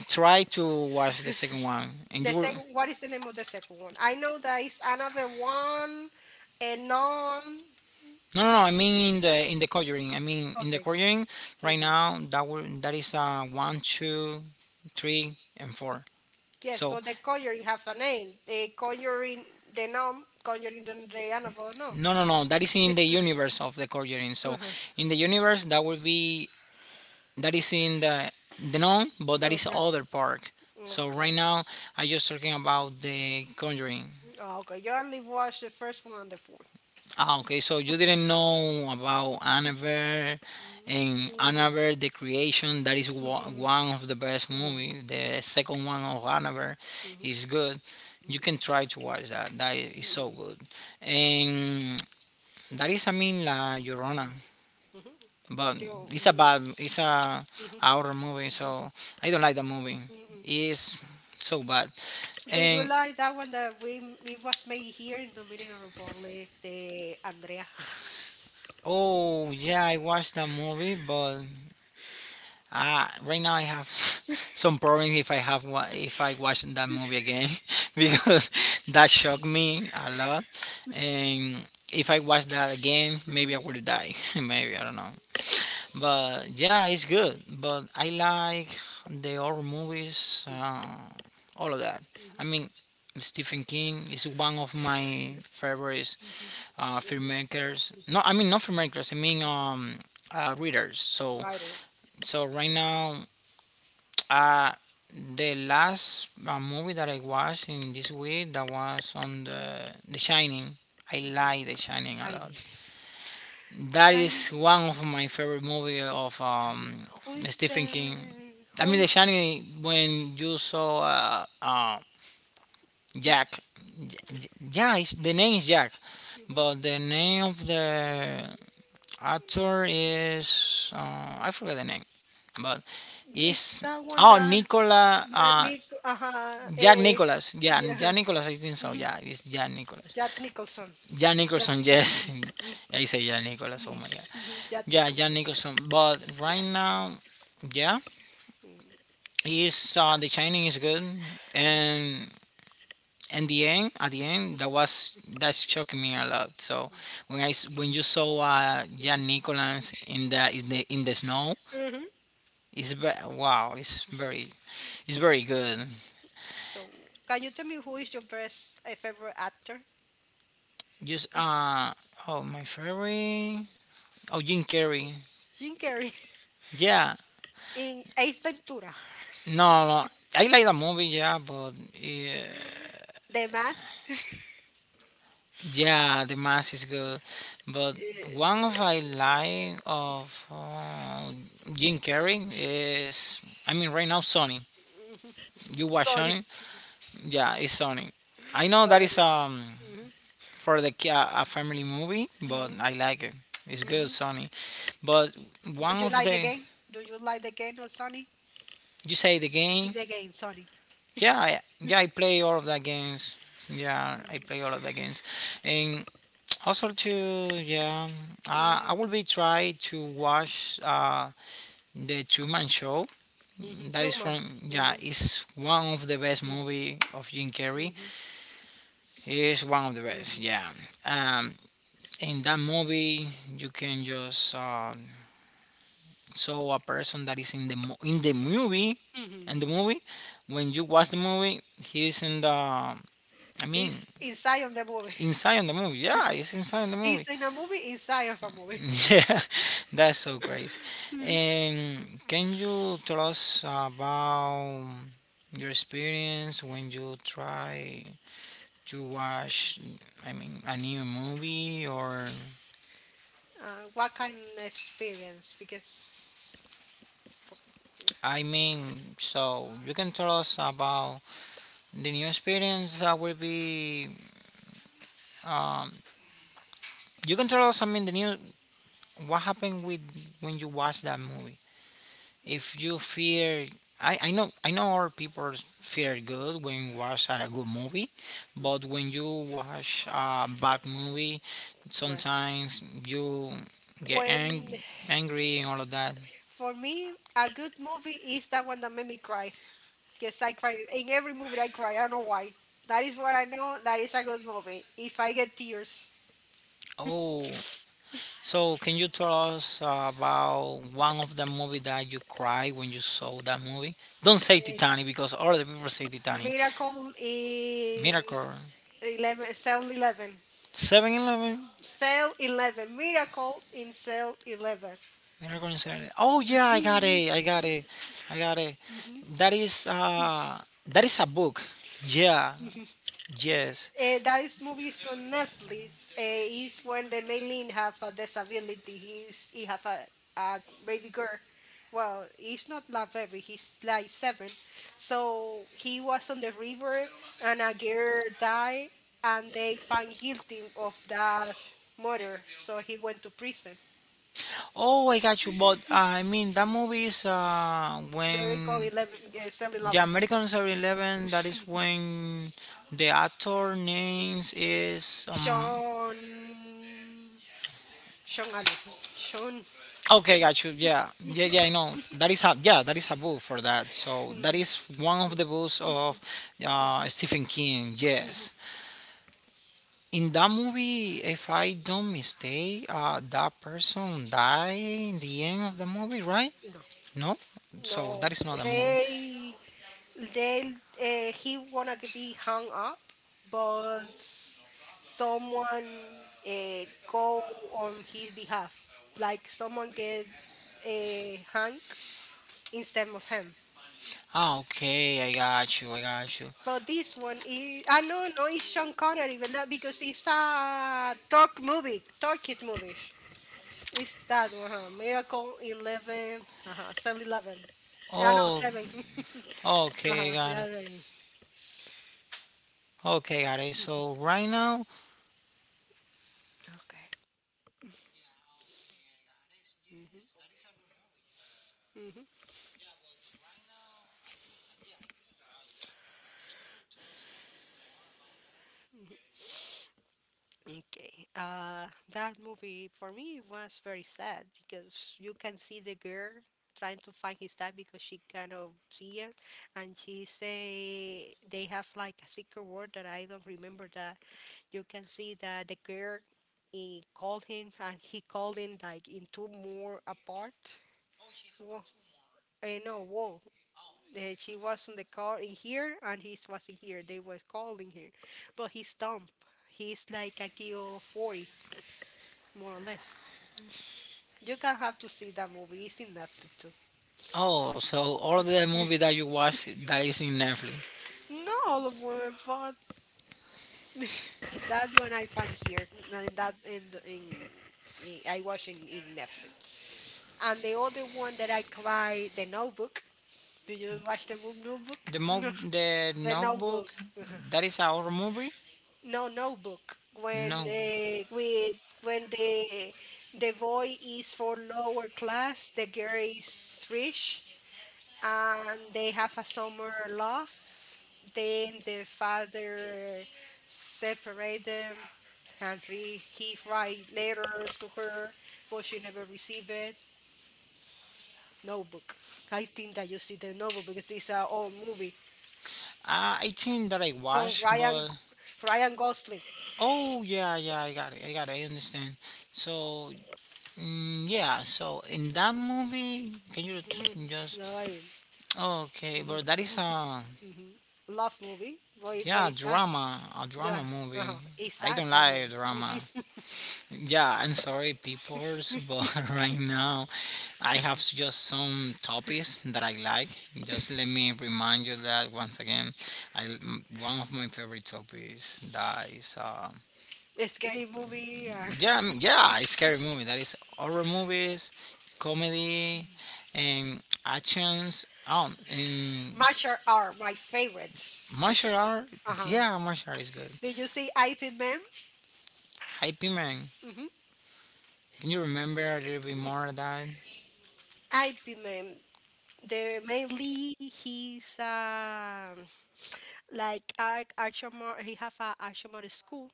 Speaker 1: try to watch the second one, and
Speaker 2: The
Speaker 1: you will.
Speaker 2: second, what is the name of the second one? I know that it's another one, and non.
Speaker 1: No, no, no. I mean in the Conjuring. I mean in the
Speaker 2: Okay.
Speaker 1: Conjuring right
Speaker 2: Mhm.
Speaker 1: now that will that is one, two, three, and four.
Speaker 2: Yes,
Speaker 1: So
Speaker 2: but the conjuring has a name. The conjuring, the nom, conjuring, the Annabelle? No.
Speaker 1: no, no, no. That is in the
Speaker 2: Yes, sir.
Speaker 1: universe of the Conjuring. So
Speaker 2: Mhm.
Speaker 1: in the universe that will be that is in the known, but that is
Speaker 2: Okay.
Speaker 1: other park. So right
Speaker 2: Okay.
Speaker 1: now I just talking about the Conjuring.
Speaker 2: Oh, okay. You only watched the first one and the 4th.
Speaker 1: Ah, okay. So you didn't know about Annabelle and
Speaker 2: Mm-hmm.
Speaker 1: Annabelle the Creation. That is wa- one of the best
Speaker 2: No.
Speaker 1: movie. The second one of Annabelle
Speaker 2: Mhm.
Speaker 1: is good. You
Speaker 2: Mhm.
Speaker 1: can try to watch that. That is so
Speaker 2: Mhm.
Speaker 1: good. And that is, I mean, La Llorona.
Speaker 2: Mhm.
Speaker 1: But
Speaker 2: Yo.
Speaker 1: it's a
Speaker 2: Mhm.
Speaker 1: bad, it's a
Speaker 2: Mhm.
Speaker 1: horror movie. So I don't like the movie.
Speaker 2: Mhm.
Speaker 1: It's so bad.
Speaker 2: Do you
Speaker 1: And
Speaker 2: like that one that we it was made here in Dominican Republic, the Andrea? <laughs>
Speaker 1: oh yeah, I watched that movie, but right now I have <laughs> some problems if I have wa- if I watch that movie again <laughs> because <laughs> that shocked me a lot. And if I watch that again, maybe I will die. <laughs> Maybe I don't know. But yeah, it's good. But I like the horror movies, all of that. I mean, Stephen King is one of my favorite filmmakers. No, I mean not filmmakers. I mean readers. So
Speaker 2: Writer.
Speaker 1: right now, uh, the last movie that I watched in this week that was on the Shining. I like The Shining a lot.
Speaker 2: Shiny.
Speaker 1: That
Speaker 2: Shiny.
Speaker 1: is one of my favorite movie of
Speaker 2: Shiny. Who is
Speaker 1: Stephen King.
Speaker 2: the
Speaker 1: I
Speaker 2: who
Speaker 1: mean, The
Speaker 2: is the,
Speaker 1: Shining. When you saw Jack, yeah, it's, the name is Jack, but the name of the actor is I forget the name, but
Speaker 2: is
Speaker 1: is
Speaker 2: that one
Speaker 1: oh
Speaker 2: that,
Speaker 1: Nicola
Speaker 2: Nick,
Speaker 1: Jack Nicholas. Yeah,
Speaker 2: yeah,
Speaker 1: Jack Nicholas. I think so.
Speaker 2: mhm,
Speaker 1: Yeah, it's Jack Nicholas.
Speaker 2: Jack Nicholson.
Speaker 1: Jack
Speaker 2: Jack
Speaker 1: Nicholson. Yes,
Speaker 2: Nicholson. Mhm,
Speaker 1: <laughs> I say Jack Nicholas. Oh my god.
Speaker 2: mhm, Jack
Speaker 1: Yeah, Jack
Speaker 2: Nicholson.
Speaker 1: Nicholson. But right
Speaker 2: Yes.
Speaker 1: now, yeah, is the Shining is good, and in the end, at the end, that was that shocked me a lot. So when I s- when you saw Jack Nicholas in the in the snow,
Speaker 2: Mhm.
Speaker 1: it's ve- wow, it's very good.
Speaker 2: So, can you tell me who is your best favorite actor?
Speaker 1: Just uh oh my favorite oh Jim Carrey.
Speaker 2: Jim Carrey
Speaker 1: Yeah,
Speaker 2: <laughs> in Ace Ventura,
Speaker 1: no no I like the movie yeah, but yeah,
Speaker 2: The Mask,
Speaker 1: yeah the mask is good, but
Speaker 2: uh,
Speaker 1: one of I like of Jim Carrey is I mean right now Sony.
Speaker 2: mhm.
Speaker 1: You
Speaker 2: <laughs>
Speaker 1: watch
Speaker 2: Sorry,
Speaker 1: Sony? Yeah, it's Sony. I know that is
Speaker 2: sorry. Mhm,
Speaker 1: for the ki- a family movie, but
Speaker 2: mhm,
Speaker 1: I like it. It's good,
Speaker 2: mhm.
Speaker 1: Sony. But
Speaker 2: Do
Speaker 1: one
Speaker 2: you
Speaker 1: of
Speaker 2: like the
Speaker 1: the
Speaker 2: game? Do you like the game or Sonny?
Speaker 1: you say the game.
Speaker 2: The game, Sonny.
Speaker 1: Yeah, I play all of the games. Yeah, I play all of the games, and also to yeah,
Speaker 2: Mhm.
Speaker 1: I will be try to watch the Two Man Show.
Speaker 2: Mhm,
Speaker 1: That is
Speaker 2: Truman.
Speaker 1: from yeah,
Speaker 2: Mhm,
Speaker 1: it's one of the best
Speaker 2: mhm,
Speaker 1: movie of Jim Carrey.
Speaker 2: mhm,
Speaker 1: It's one of the best.
Speaker 2: mhm,
Speaker 1: Yeah, um, in that movie you can just so a person that is in the mo- in the movie,
Speaker 2: mhm.
Speaker 1: and the movie, when you watch the movie, he is in the. I mean,
Speaker 2: This inside of the movie.
Speaker 1: on the movie. Yeah, it's inside on the
Speaker 2: It's in a movie inside of a movie.
Speaker 1: movie. <laughs> Yeah, that's so crazy.
Speaker 2: <laughs>
Speaker 1: And can you tell us about your experience when you try to watch? I mean, a new movie, or
Speaker 2: What kind of experience? Because
Speaker 1: I mean, so you can tell us about the new experience that will be. Um, you can tell us. I mean, the new. What happened with when you watch that movie? If you fear, I know our people fear good when watch a good movie, but when you watch a bad movie,
Speaker 2: well,
Speaker 1: sometimes you get
Speaker 2: when
Speaker 1: angry and all of that.
Speaker 2: for me a good movie is that one that made me cry. Because I cry in every movie. I cry. I don't know why. That is what I know. That is a good movie. If I get tears,
Speaker 1: Oh, so, can you tell us about one of the movie that you cried when you saw that movie? Don't say
Speaker 2: Eh,
Speaker 1: Titanic because all the people say Titanic.
Speaker 2: Miracle in
Speaker 1: Miracle.
Speaker 2: 11, cell 11,
Speaker 1: 7 Eleven.
Speaker 2: cell 11. Miracle in cell 11.
Speaker 1: Miracle in 7 oh yeah, I got it. I got it. I got it. That is uh that is a book. Yeah.
Speaker 2: <laughs>
Speaker 1: Yes.
Speaker 2: There is movies on Netflix. Is when the main lead have a disability. He have a baby girl. Well, he's not like baby. He's like seven. So he was on the river, and a girl died, and they find guilty of that murder. So he went to prison.
Speaker 1: Oh, I got you. But I mean that movie is
Speaker 2: Very cool.
Speaker 1: when.
Speaker 2: 11. Cell
Speaker 1: Yeah,
Speaker 2: 11.
Speaker 1: American Story 11, that is when the actor names is
Speaker 2: Sean. Sean. Allen. Sean. <laughs>
Speaker 1: okay, got you. Yeah. Yeah, yeah, I know. That is a yeah, that is a book for that. So that is one of the books of Stephen King. Yes. In that movie, if I don't mistake, that person died in the end of the movie, right?
Speaker 2: No.
Speaker 1: No? So that
Speaker 2: No.
Speaker 1: is not a movie.
Speaker 2: They They'll he wanna be hung up, but someone go on his behalf, like someone get hung instead of him.
Speaker 1: Ah, okay, I got you, I got you.
Speaker 2: But this one is no, no, it's Sean Connery, but that because it's a dark movie, dark kid movie. It's that one, huh? Miracle 11, uh-huh, Cell 11. I know
Speaker 1: Oh,
Speaker 2: seven. <laughs>
Speaker 1: okay, I
Speaker 2: Uh-huh,
Speaker 1: got it.
Speaker 2: yeah, yeah, yeah.
Speaker 1: Okay, got it. So right now,
Speaker 2: Okay. Okay. That movie for me was very sad because you can see the girl trying to find his dad because she kind of see him, and she say they have like a secret word that I don't remember that you can see that the girl he called him <laughs> and he called him like in two more apart. Wall. I know wall. She was in the car in here and he was in here. They were calling her, but he's dumb. He's like a kilo 40, more or less. You can have to see that movie. It's in Netflix too.
Speaker 1: oh, so all of the movie that you watch that is in Netflix.
Speaker 2: No, Oliver, but that one I found here, and that in the- in I watch in Netflix. And the other one that I try, The Notebook. Do you watch the movie Notebook?
Speaker 1: The
Speaker 2: <laughs>
Speaker 1: mo
Speaker 2: No,
Speaker 1: the
Speaker 2: The
Speaker 1: Notebook,
Speaker 2: Notebook. <laughs>
Speaker 1: that is our movie.
Speaker 2: No, Notebook.
Speaker 1: No.
Speaker 2: When the boy is for lower class, the girl is rich, and they have a summer love. Then the father separate them, and he write letters to her, but she never received it. No book. I think that you see the novel because this is an old movie.
Speaker 1: I think that I
Speaker 2: From
Speaker 1: watched,
Speaker 2: Ryan,
Speaker 1: but
Speaker 2: Ryan Gosling.
Speaker 1: oh yeah, yeah, I got it, I got it, I understand. So mm, yeah, so in that movie, can you
Speaker 2: Mhm.
Speaker 1: t- just
Speaker 2: No,
Speaker 1: okay,
Speaker 2: mhm,
Speaker 1: but that is a
Speaker 2: mhm. Love movie. What
Speaker 1: yeah
Speaker 2: is that?
Speaker 1: drama, a
Speaker 2: Yeah.
Speaker 1: drama movie.
Speaker 2: Uh-huh. It's
Speaker 1: I
Speaker 2: that
Speaker 1: don't
Speaker 2: that
Speaker 1: like
Speaker 2: movie.
Speaker 1: drama.
Speaker 2: <laughs>
Speaker 1: Yeah, I'm sorry, peoples, but <laughs> right now I have just some topics that I like. Just let me remind you that once again, I one of my favorite topics that is
Speaker 2: A scary movie.
Speaker 1: yeah,
Speaker 2: <laughs>
Speaker 1: mm, yeah, a scary movie. That is horror movies, comedy, and actions. Oh, and
Speaker 2: Martial art, my favorites.
Speaker 1: martial art.
Speaker 2: Uh huh.
Speaker 1: Yeah, martial art is good.
Speaker 2: Did you say IP Man?
Speaker 1: Hype Man.
Speaker 2: Hmm.
Speaker 1: Can you remember a little bit more of that?
Speaker 2: IP Man. The mainly he's like a action he have a action model school,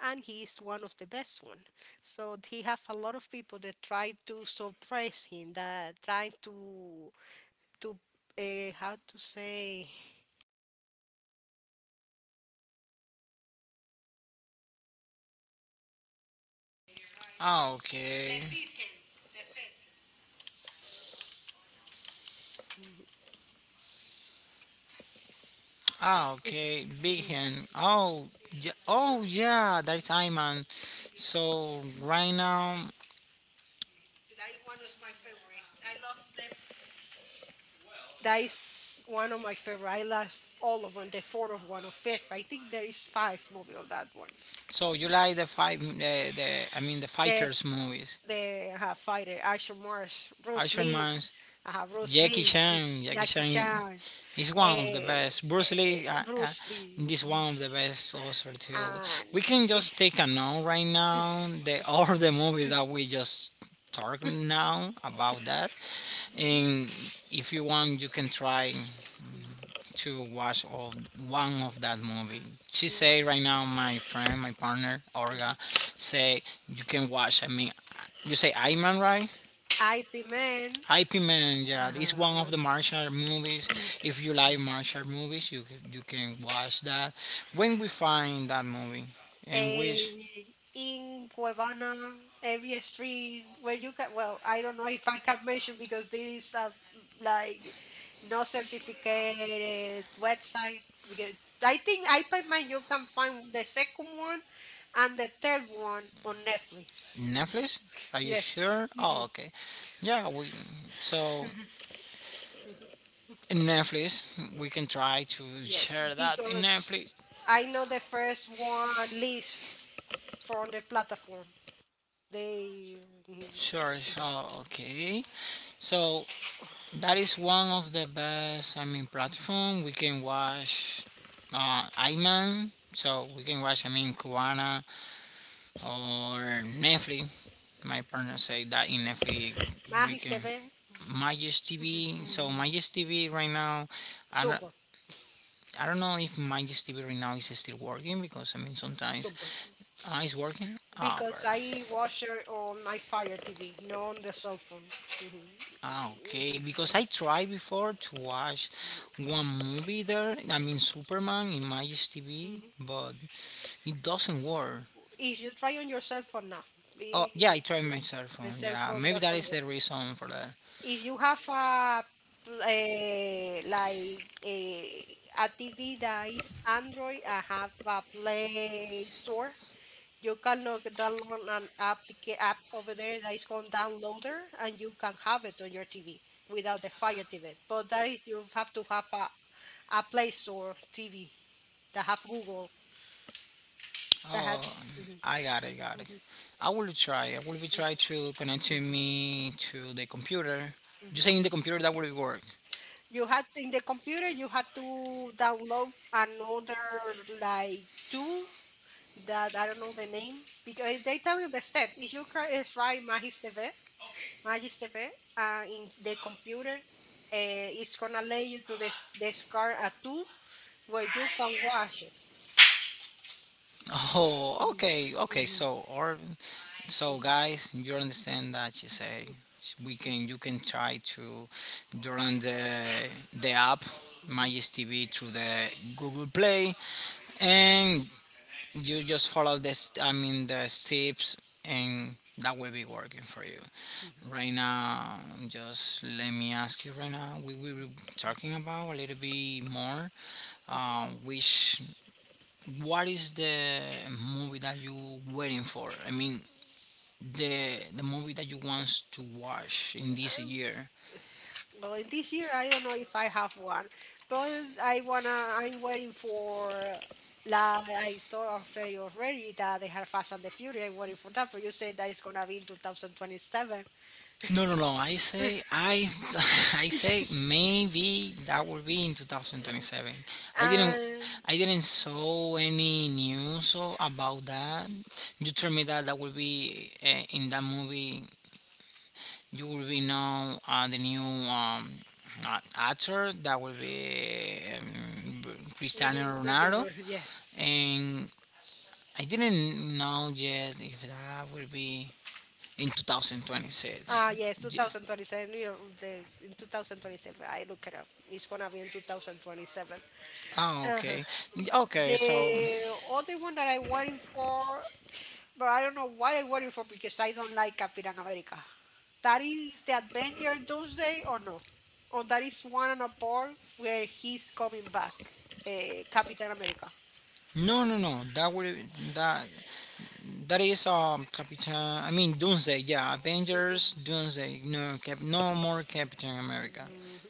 Speaker 2: and he is one of the best one. So he have a lot of people that try to suppress him, that trying to to how to say.
Speaker 1: Ah, okay. Ah, okay. Big
Speaker 2: Mhm.
Speaker 1: hand. Oh, yeah. Oh, yeah. That is Iman. So right now,
Speaker 2: That is one of my favorite. I love all of them. The fourth of one or fifth. I think there is five movie of that one.
Speaker 1: so you like the fight? The I mean the
Speaker 2: The
Speaker 1: fighters movies.
Speaker 2: the fighter, Action Morse, Bruce
Speaker 1: Usher
Speaker 2: Lee,
Speaker 1: Man's
Speaker 2: Bruce
Speaker 1: Jackie
Speaker 2: Lee,
Speaker 1: Chan. Jackie
Speaker 2: Jackie
Speaker 1: Chan
Speaker 2: Chan,
Speaker 1: is
Speaker 2: eh,
Speaker 1: one of the
Speaker 2: eh,
Speaker 1: best. Bruce Lee
Speaker 2: Bruce Lee,
Speaker 1: is one of the best also too.
Speaker 2: and
Speaker 1: We can
Speaker 2: eh,
Speaker 1: just take a note right now. The all the movie that we just talked now about that.
Speaker 2: mhm,
Speaker 1: And if you want, you can try
Speaker 2: mhm,
Speaker 1: to watch all one of that movie. She say
Speaker 2: mhm,
Speaker 1: right now, my friend, my partner, Orga, say you can watch. I mean, you say Iron Man, right?
Speaker 2: mhm. IP Man.
Speaker 1: IP Man, yeah, it's one
Speaker 2: Uh-huh.
Speaker 1: of the martial art movies. If you like martial art movies, you can watch that. When we find that movie, and
Speaker 2: eh,
Speaker 1: which
Speaker 2: in Cuevana, every street where you can. Well, I don't know if I can mention because there is a like no certificated website. Because I think Hyperman you can find the second one and the third one on Netflix.
Speaker 1: Netflix? Are you
Speaker 2: Yes.
Speaker 1: sure? Oh,
Speaker 2: Mhm.
Speaker 1: okay. Yeah, we so in Netflix we can try to <laughs>
Speaker 2: Yes,
Speaker 1: share that in
Speaker 2: because
Speaker 1: Netflix.
Speaker 2: I know the first one lives from the platform. They. Mhm.
Speaker 1: Sure,
Speaker 2: Mhm.
Speaker 1: sure. Okay. So that is one of the best. I mean, platform we can watch. Iman. So we can watch. I mean, Kuana or Netflix. My partner say that in Netflix we
Speaker 2: Magis
Speaker 1: can.
Speaker 2: TV.
Speaker 1: Magis TV. So
Speaker 2: Mhm.
Speaker 1: Magis TV right now. I don't.
Speaker 2: Super.
Speaker 1: I don't know if Magis TV right now is still working because I mean sometimes
Speaker 2: Super.
Speaker 1: it's working. Ah,
Speaker 2: Because
Speaker 1: perfect.
Speaker 2: I watch her on my Fire TV, not on the cell phone.
Speaker 1: Ah,
Speaker 2: Hmm.
Speaker 1: okay. Because I tried before to watch one movie there. I mean, Superman in Magic's TV,
Speaker 2: Hmm.
Speaker 1: but it doesn't work.
Speaker 2: If you try on your cell phone now,
Speaker 1: Oh,
Speaker 2: the
Speaker 1: yeah, I tried my cell
Speaker 2: the
Speaker 1: phone.
Speaker 2: cell
Speaker 1: Yeah,
Speaker 2: phone
Speaker 1: maybe that
Speaker 2: doesn't
Speaker 1: is
Speaker 2: work.
Speaker 1: the reason for that.
Speaker 2: If you have a like a TV that is Android, I have a Play Store. You can look, download an app over there that is called Downloader, and you can have it on your TV without the Fire TV. But that is, you have to have a Play Store TV that have Google that
Speaker 1: Oh,
Speaker 2: had. Mhm,
Speaker 1: I got it, got it.
Speaker 2: mhm,
Speaker 1: I will try. I will be try
Speaker 2: mhm,
Speaker 1: to connect to
Speaker 2: mhm,
Speaker 1: me to the computer. You saying
Speaker 2: mhm.
Speaker 1: the computer that will work?
Speaker 2: You had in the computer, you had to download another like tool that I don't know the name because they tell you the step. If you try Magis TV, Magister V, in the computer. It's gonna let you to this discard a tool where you can wash it.
Speaker 1: Oh,
Speaker 2: Mhm,
Speaker 1: okay, okay.
Speaker 2: mhm, mhm,
Speaker 1: So, or So guys, you understand that she say we can you can try to download the app
Speaker 2: mhm,
Speaker 1: Magis TV through the Google Play, and you just follow this, I mean the steps, and that will be working for you.
Speaker 2: mhm.
Speaker 1: Right now, just let me ask you right now, we were talking about a little bit more, which, what is the movie that you waiting for? I mean the the movie that you want to watch in this
Speaker 2: Um,
Speaker 1: year.
Speaker 2: well, in this year, I don't know if I have one, but I wanna. I'm waiting for. La, I thought already that they have Fast and the Fury. I'm waiting for that, but you said that it's gonna be in 2027.
Speaker 1: No, no, no. I say I <laughs> I say maybe that will be in 2027. I didn't
Speaker 2: And,
Speaker 1: I didn't saw any news about that. You told me that that will be in that movie. You will be now the new actor that will be
Speaker 2: mhm,
Speaker 1: Cristiano Ronaldo,
Speaker 2: <laughs> yes.
Speaker 1: and I didn't know yet if that will be in 2026.
Speaker 2: Ah, yes, 2027. You know, in 2027, I look it up. It's gonna be in 2027.
Speaker 1: Ah,
Speaker 2: Uh-huh.
Speaker 1: okay, okay. So
Speaker 2: The other one that I waiting for, but I don't know why I waiting for because I don't like Captain America. That is the Avenger Doomsday or no? Or that is one and a part where he's coming back, uh, Captain America.
Speaker 1: no, no, no. That that is Capitan. I mean Doomsday. Yeah,
Speaker 2: Mhm.
Speaker 1: Avengers Doomsday. No, Cap, no more Captain America.
Speaker 2: Mhm.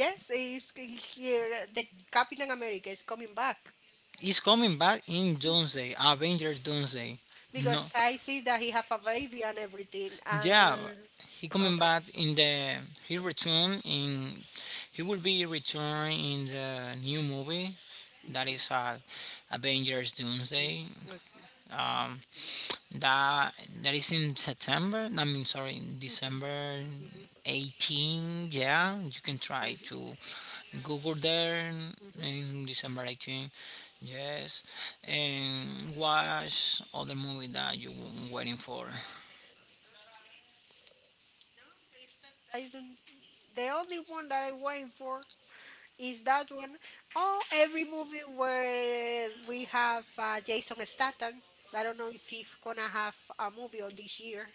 Speaker 2: Yes, the Captain America is coming back.
Speaker 1: He's coming back in Doomsday. Avengers Doomsday. No,
Speaker 2: Because I see that he have a baby and everything.
Speaker 1: yeah,
Speaker 2: And,
Speaker 1: he coming
Speaker 2: okay.
Speaker 1: back in the, he return in, he will be returning in the new movie
Speaker 2: Mhm,
Speaker 1: that is Avengers
Speaker 2: mhm,
Speaker 1: Doomsday.
Speaker 2: okay.
Speaker 1: Um, that that is in September. I mean, sorry, in
Speaker 2: Mhm,
Speaker 1: December
Speaker 2: mhm,
Speaker 1: 18. Yeah, you can try
Speaker 2: mhm,
Speaker 1: to Google there
Speaker 2: mhm.
Speaker 1: in December 18. Yes, and watch other movie that you were waiting for.
Speaker 2: I don't. The only one that I'm waiting for is that one. Oh, every movie where we have Jason Statham. I don't know if he's gonna have a movie on this year.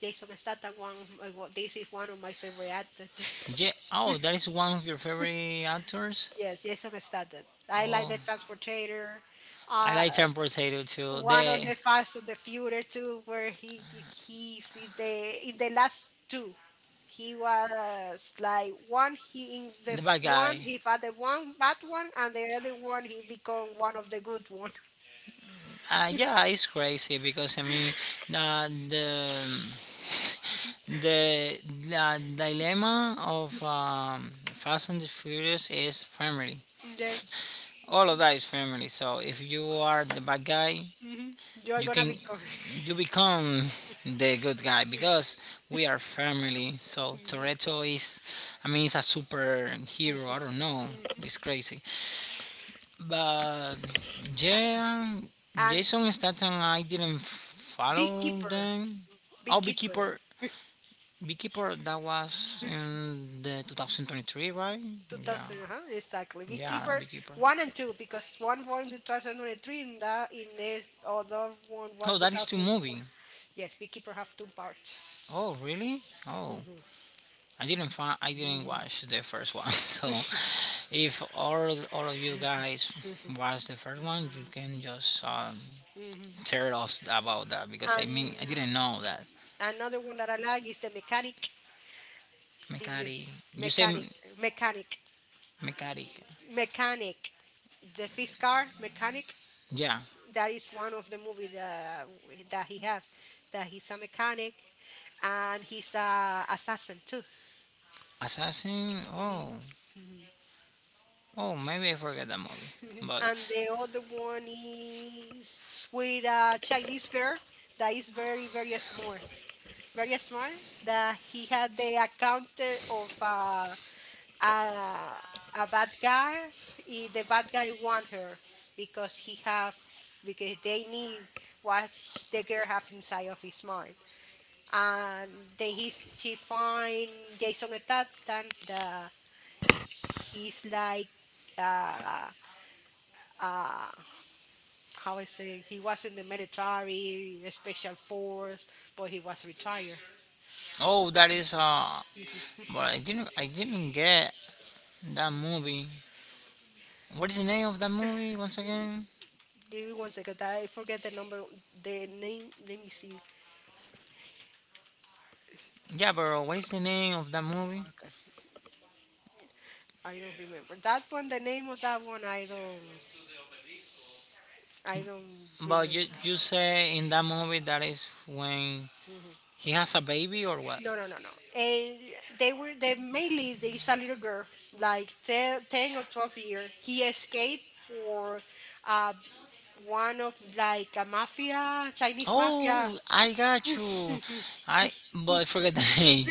Speaker 2: Jason Statham, one of my, wa- this is one of my favorite actors.
Speaker 1: Yeah.
Speaker 2: <laughs>
Speaker 1: Oh, that is one of your favorite actors.
Speaker 2: Yes, Jason Statham. I like
Speaker 1: Oh,
Speaker 2: the Transportator.
Speaker 1: I
Speaker 2: Uh,
Speaker 1: like Transportator too.
Speaker 2: one of the Fast and the Future too, where he's in the last two. He was like one he
Speaker 1: The bad
Speaker 2: one
Speaker 1: guy.
Speaker 2: he found the one bad one and the other one he become one of the good one.
Speaker 1: Yeah, it's crazy because I mean uh, the
Speaker 2: <laughs>
Speaker 1: the dilemma of Fast and the Furious is family.
Speaker 2: Mhm. Yes.
Speaker 1: All of
Speaker 2: Mm-hmm.
Speaker 1: that is family. So if you are the bad guy,
Speaker 2: You're
Speaker 1: you
Speaker 2: gonna
Speaker 1: can
Speaker 2: become.
Speaker 1: you become <laughs> the good guy because we are family. So
Speaker 2: Mhm.
Speaker 1: Toretto is, I mean, he's a
Speaker 2: Mhm.
Speaker 1: superhero. I don't know.
Speaker 2: Mhm.
Speaker 1: It's crazy. But
Speaker 2: <laughs> A-
Speaker 1: yeah,
Speaker 2: And
Speaker 1: Jason Statham, I didn't follow
Speaker 2: beekeeper,
Speaker 1: them. Oh,
Speaker 2: beekeeper.
Speaker 1: Beekeeper, Beekeeper, that was in the 2023, right? Yeah,
Speaker 2: 2000, exactly.
Speaker 1: yeah,
Speaker 2: Beekeeper
Speaker 1: Beekeeper.
Speaker 2: 1 and 2, because one was in 2023 and the in this other one
Speaker 1: Oh,
Speaker 2: was
Speaker 1: that is two movie.
Speaker 2: 2020. Yes, Beekeeper have two parts.
Speaker 1: Oh, really? Oh,
Speaker 2: Hmm.
Speaker 1: I didn't find, I didn't watch the first one. <laughs> So, if all of you guys watch the first one, you can just
Speaker 2: Hmm. <laughs>
Speaker 1: tear it off about that because I mean
Speaker 2: And
Speaker 1: I didn't know that.
Speaker 2: another one that I like is the mechanic, the
Speaker 1: Mechanic. You say
Speaker 2: mechanic,
Speaker 1: m-
Speaker 2: mechanic,
Speaker 1: mechanic.
Speaker 2: mechanic, the fist car mechanic.
Speaker 1: Yeah.
Speaker 2: That is one of the movie that he have, that he's a mechanic, and he's a assassin too.
Speaker 1: Assassin.
Speaker 2: Mm-hmm.
Speaker 1: Oh.
Speaker 2: Mhm.
Speaker 1: Oh, maybe I forget that movie.
Speaker 2: <laughs>
Speaker 1: But
Speaker 2: And the other one is with a Chinese girl that is very, very smart, very smart. That he had the account of a, a bad guy. The bad guy want her because he have because they need what the girl have inside of his mind, and they he she find Jason Statham that he's like uh, uh, how I say he was in the military, special force, but he was retired.
Speaker 1: oh, that is.
Speaker 2: Mhm.
Speaker 1: But I didn't. I didn't get that movie. What is the name of that movie once
Speaker 2: Mm,
Speaker 1: again?
Speaker 2: give me one second. I forget the number, the name. Let me see.
Speaker 1: Yeah, bro. What is the name of that movie?
Speaker 2: Okay, I don't remember that one. The name of that one, I don't
Speaker 1: But
Speaker 2: remember.
Speaker 1: you say in that movie that is when
Speaker 2: Hmm.
Speaker 1: he has a baby or what?
Speaker 2: No, no, no, no. And they mainly this a little girl, like 10 or 12 year. He escaped for uh, one of like a mafia, Chinese mafia.
Speaker 1: Oh,
Speaker 2: <laughs>
Speaker 1: I got you.
Speaker 2: <laughs>
Speaker 1: I but I forget the <laughs> name.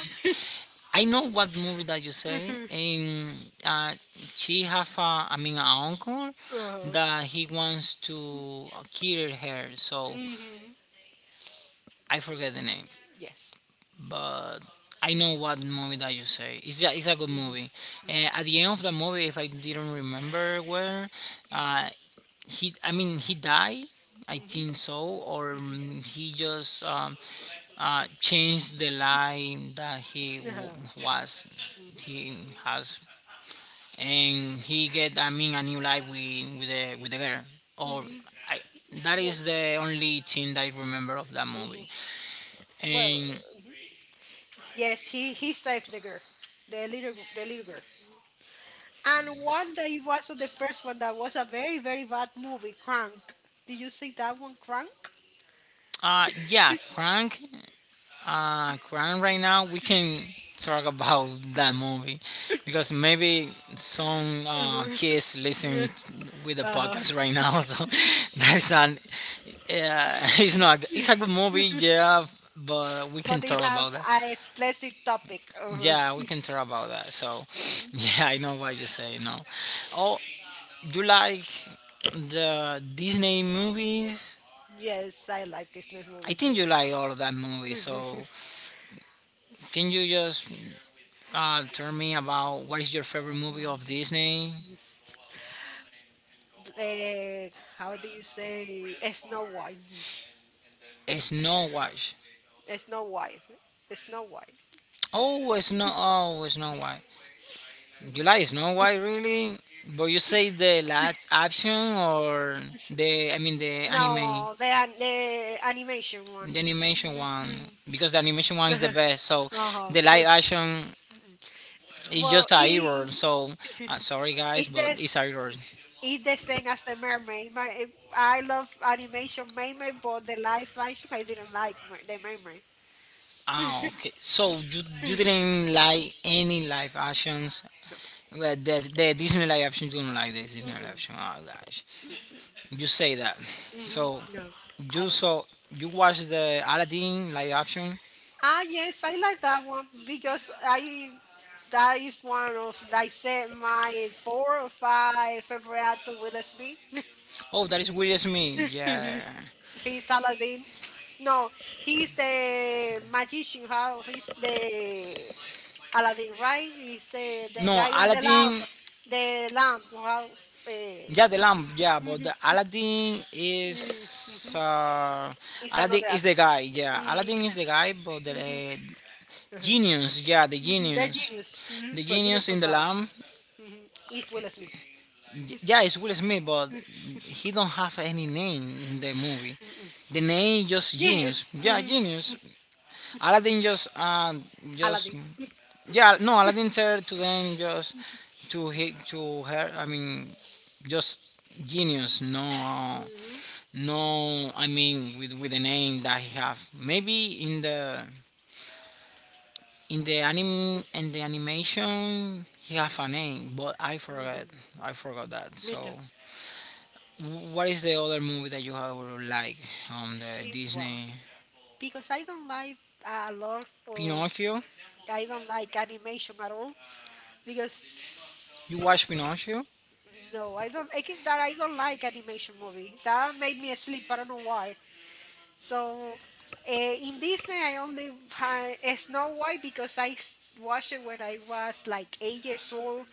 Speaker 1: I know what movie that you say.
Speaker 2: Uh-huh.
Speaker 1: And uh, she have a, I mean, an uncle that he wants to kill her. So
Speaker 2: Hmm.
Speaker 1: I forget the name,
Speaker 2: Yes.
Speaker 1: but I know what movie that you say. It's a good movie.
Speaker 2: Mm-hmm.
Speaker 1: At the end of the movie, if I didn't remember where, uh, he, I mean he died, I
Speaker 2: Hmm.
Speaker 1: think so, or he just changed the line that
Speaker 2: Uh-huh.
Speaker 1: was, he
Speaker 2: Hmm.
Speaker 1: has, and he get, I mean, a new life with with the girl, or I, that
Speaker 2: Well,
Speaker 1: is the only thing that I remember of that movie.
Speaker 2: hmm, well,
Speaker 1: And
Speaker 2: mhm. Yes, he saved the girl, the little girl. And one day it was the first one that was a very, very bad movie, Crank. Did you see that one, Crank?
Speaker 1: yeah, crank, current right now we can talk about that movie because maybe some
Speaker 2: Mhm.
Speaker 1: kids listen
Speaker 2: Yeah.
Speaker 1: with the
Speaker 2: Uh-huh.
Speaker 1: podcast right now. <laughs> So that's an <laughs> it's not, it's a good movie,
Speaker 2: <laughs>
Speaker 1: yeah, but we can
Speaker 2: But they
Speaker 1: talk
Speaker 2: have
Speaker 1: about that.
Speaker 2: a explicit topic. Uh-huh.
Speaker 1: Yeah, we can talk about that. So <laughs>
Speaker 2: <laughs>
Speaker 1: yeah, I know what you say. No, oh, do you like the Disney movies?
Speaker 2: Yes, I like Disney
Speaker 1: I
Speaker 2: movie
Speaker 1: think
Speaker 2: too.
Speaker 1: you like all of that movie.
Speaker 2: <laughs>
Speaker 1: So can you just tell me about what is your favorite movie of
Speaker 2: Mhm.
Speaker 1: Disney?
Speaker 2: Eh, how do you say Snow White? <laughs>
Speaker 1: Snow White.
Speaker 2: Snow White. Snow White.
Speaker 1: Oh, Snow. Oh, Snow White.
Speaker 2: <laughs>
Speaker 1: You
Speaker 2: Mhm.
Speaker 1: like Snow White, really? But you say the live action or the? I mean the anime.
Speaker 2: No, the animation one.
Speaker 1: The animation one,
Speaker 2: Mhm.
Speaker 1: because the animation one is the
Speaker 2: <laughs>
Speaker 1: best. So
Speaker 2: Uh-huh.
Speaker 1: the live action
Speaker 2: <laughs> Mhm.
Speaker 1: is
Speaker 2: Well,
Speaker 1: just a error. So
Speaker 2: <laughs>
Speaker 1: sorry guys,
Speaker 2: Is
Speaker 1: but
Speaker 2: this
Speaker 1: it's a error.
Speaker 2: is the same as the mermaid. I love animation mermaid, but the live action I didn't like the mermaid.
Speaker 1: Ah, okay. So you
Speaker 2: <laughs>
Speaker 1: didn't like any live actions.
Speaker 2: No.
Speaker 1: Well, the there additional option, you don't like the additional option.
Speaker 2: Mm-mm.
Speaker 1: Oh gosh, you say that.
Speaker 2: Hmm.
Speaker 1: So
Speaker 2: No, I
Speaker 1: you
Speaker 2: don't like.
Speaker 1: saw, you watch the Aladdin live action.
Speaker 2: Ah, yes, I like that one because I that is one of I said my four or five favorite actor Will Smith.
Speaker 1: Oh, that is Will Smith. Yeah.
Speaker 2: <laughs> He's Aladdin. No, he's the magician. How he's the Aladdin, right? Is the
Speaker 1: No,
Speaker 2: guy of the lamp,
Speaker 1: Aladdin.
Speaker 2: the lamp. How,
Speaker 1: Yeah, the lamp. Yeah, but the
Speaker 2: it's
Speaker 1: Aladdin
Speaker 2: another
Speaker 1: is
Speaker 2: actor.
Speaker 1: the guy. Yeah, Aladdin
Speaker 2: Mhm,
Speaker 1: is the guy, but the
Speaker 2: mhm,
Speaker 1: uh,
Speaker 2: mhm.
Speaker 1: genius. Yeah, the
Speaker 2: Mhm. The
Speaker 1: genius.
Speaker 2: genius, mhm,
Speaker 1: The
Speaker 2: the genius
Speaker 1: genius
Speaker 2: of
Speaker 1: in the
Speaker 2: the lamp,
Speaker 1: lamp.
Speaker 2: mhm, is Will Smith.
Speaker 1: Yeah, it's Will Smith, but he don't have any name in the movie.
Speaker 2: Mhm.
Speaker 1: The name just genius.
Speaker 2: Genius,
Speaker 1: Yeah,
Speaker 2: mhm,
Speaker 1: genius. Aladdin just
Speaker 2: Aladdin.
Speaker 1: yeah, no, Aladdin said to them, just to her. I mean just genius. No,
Speaker 2: Mhm,
Speaker 1: no. I mean with the name that he have. Maybe in the anime, in the animation he have a name, but
Speaker 2: mhm.
Speaker 1: I forgot that.
Speaker 2: Me
Speaker 1: So
Speaker 2: too.
Speaker 1: what is the other movie that you have like on the
Speaker 2: It's wrong
Speaker 1: Disney?
Speaker 2: because I don't like a lot of
Speaker 1: Pinocchio.
Speaker 2: I don't like animation at all.
Speaker 1: You
Speaker 2: Because
Speaker 1: watch Pinocchio?
Speaker 2: No, I don't. That I don't like animation movie. That made me asleep. I don't know why. So in Disney, I only had Snow White because I watched it when I was like 8 years old.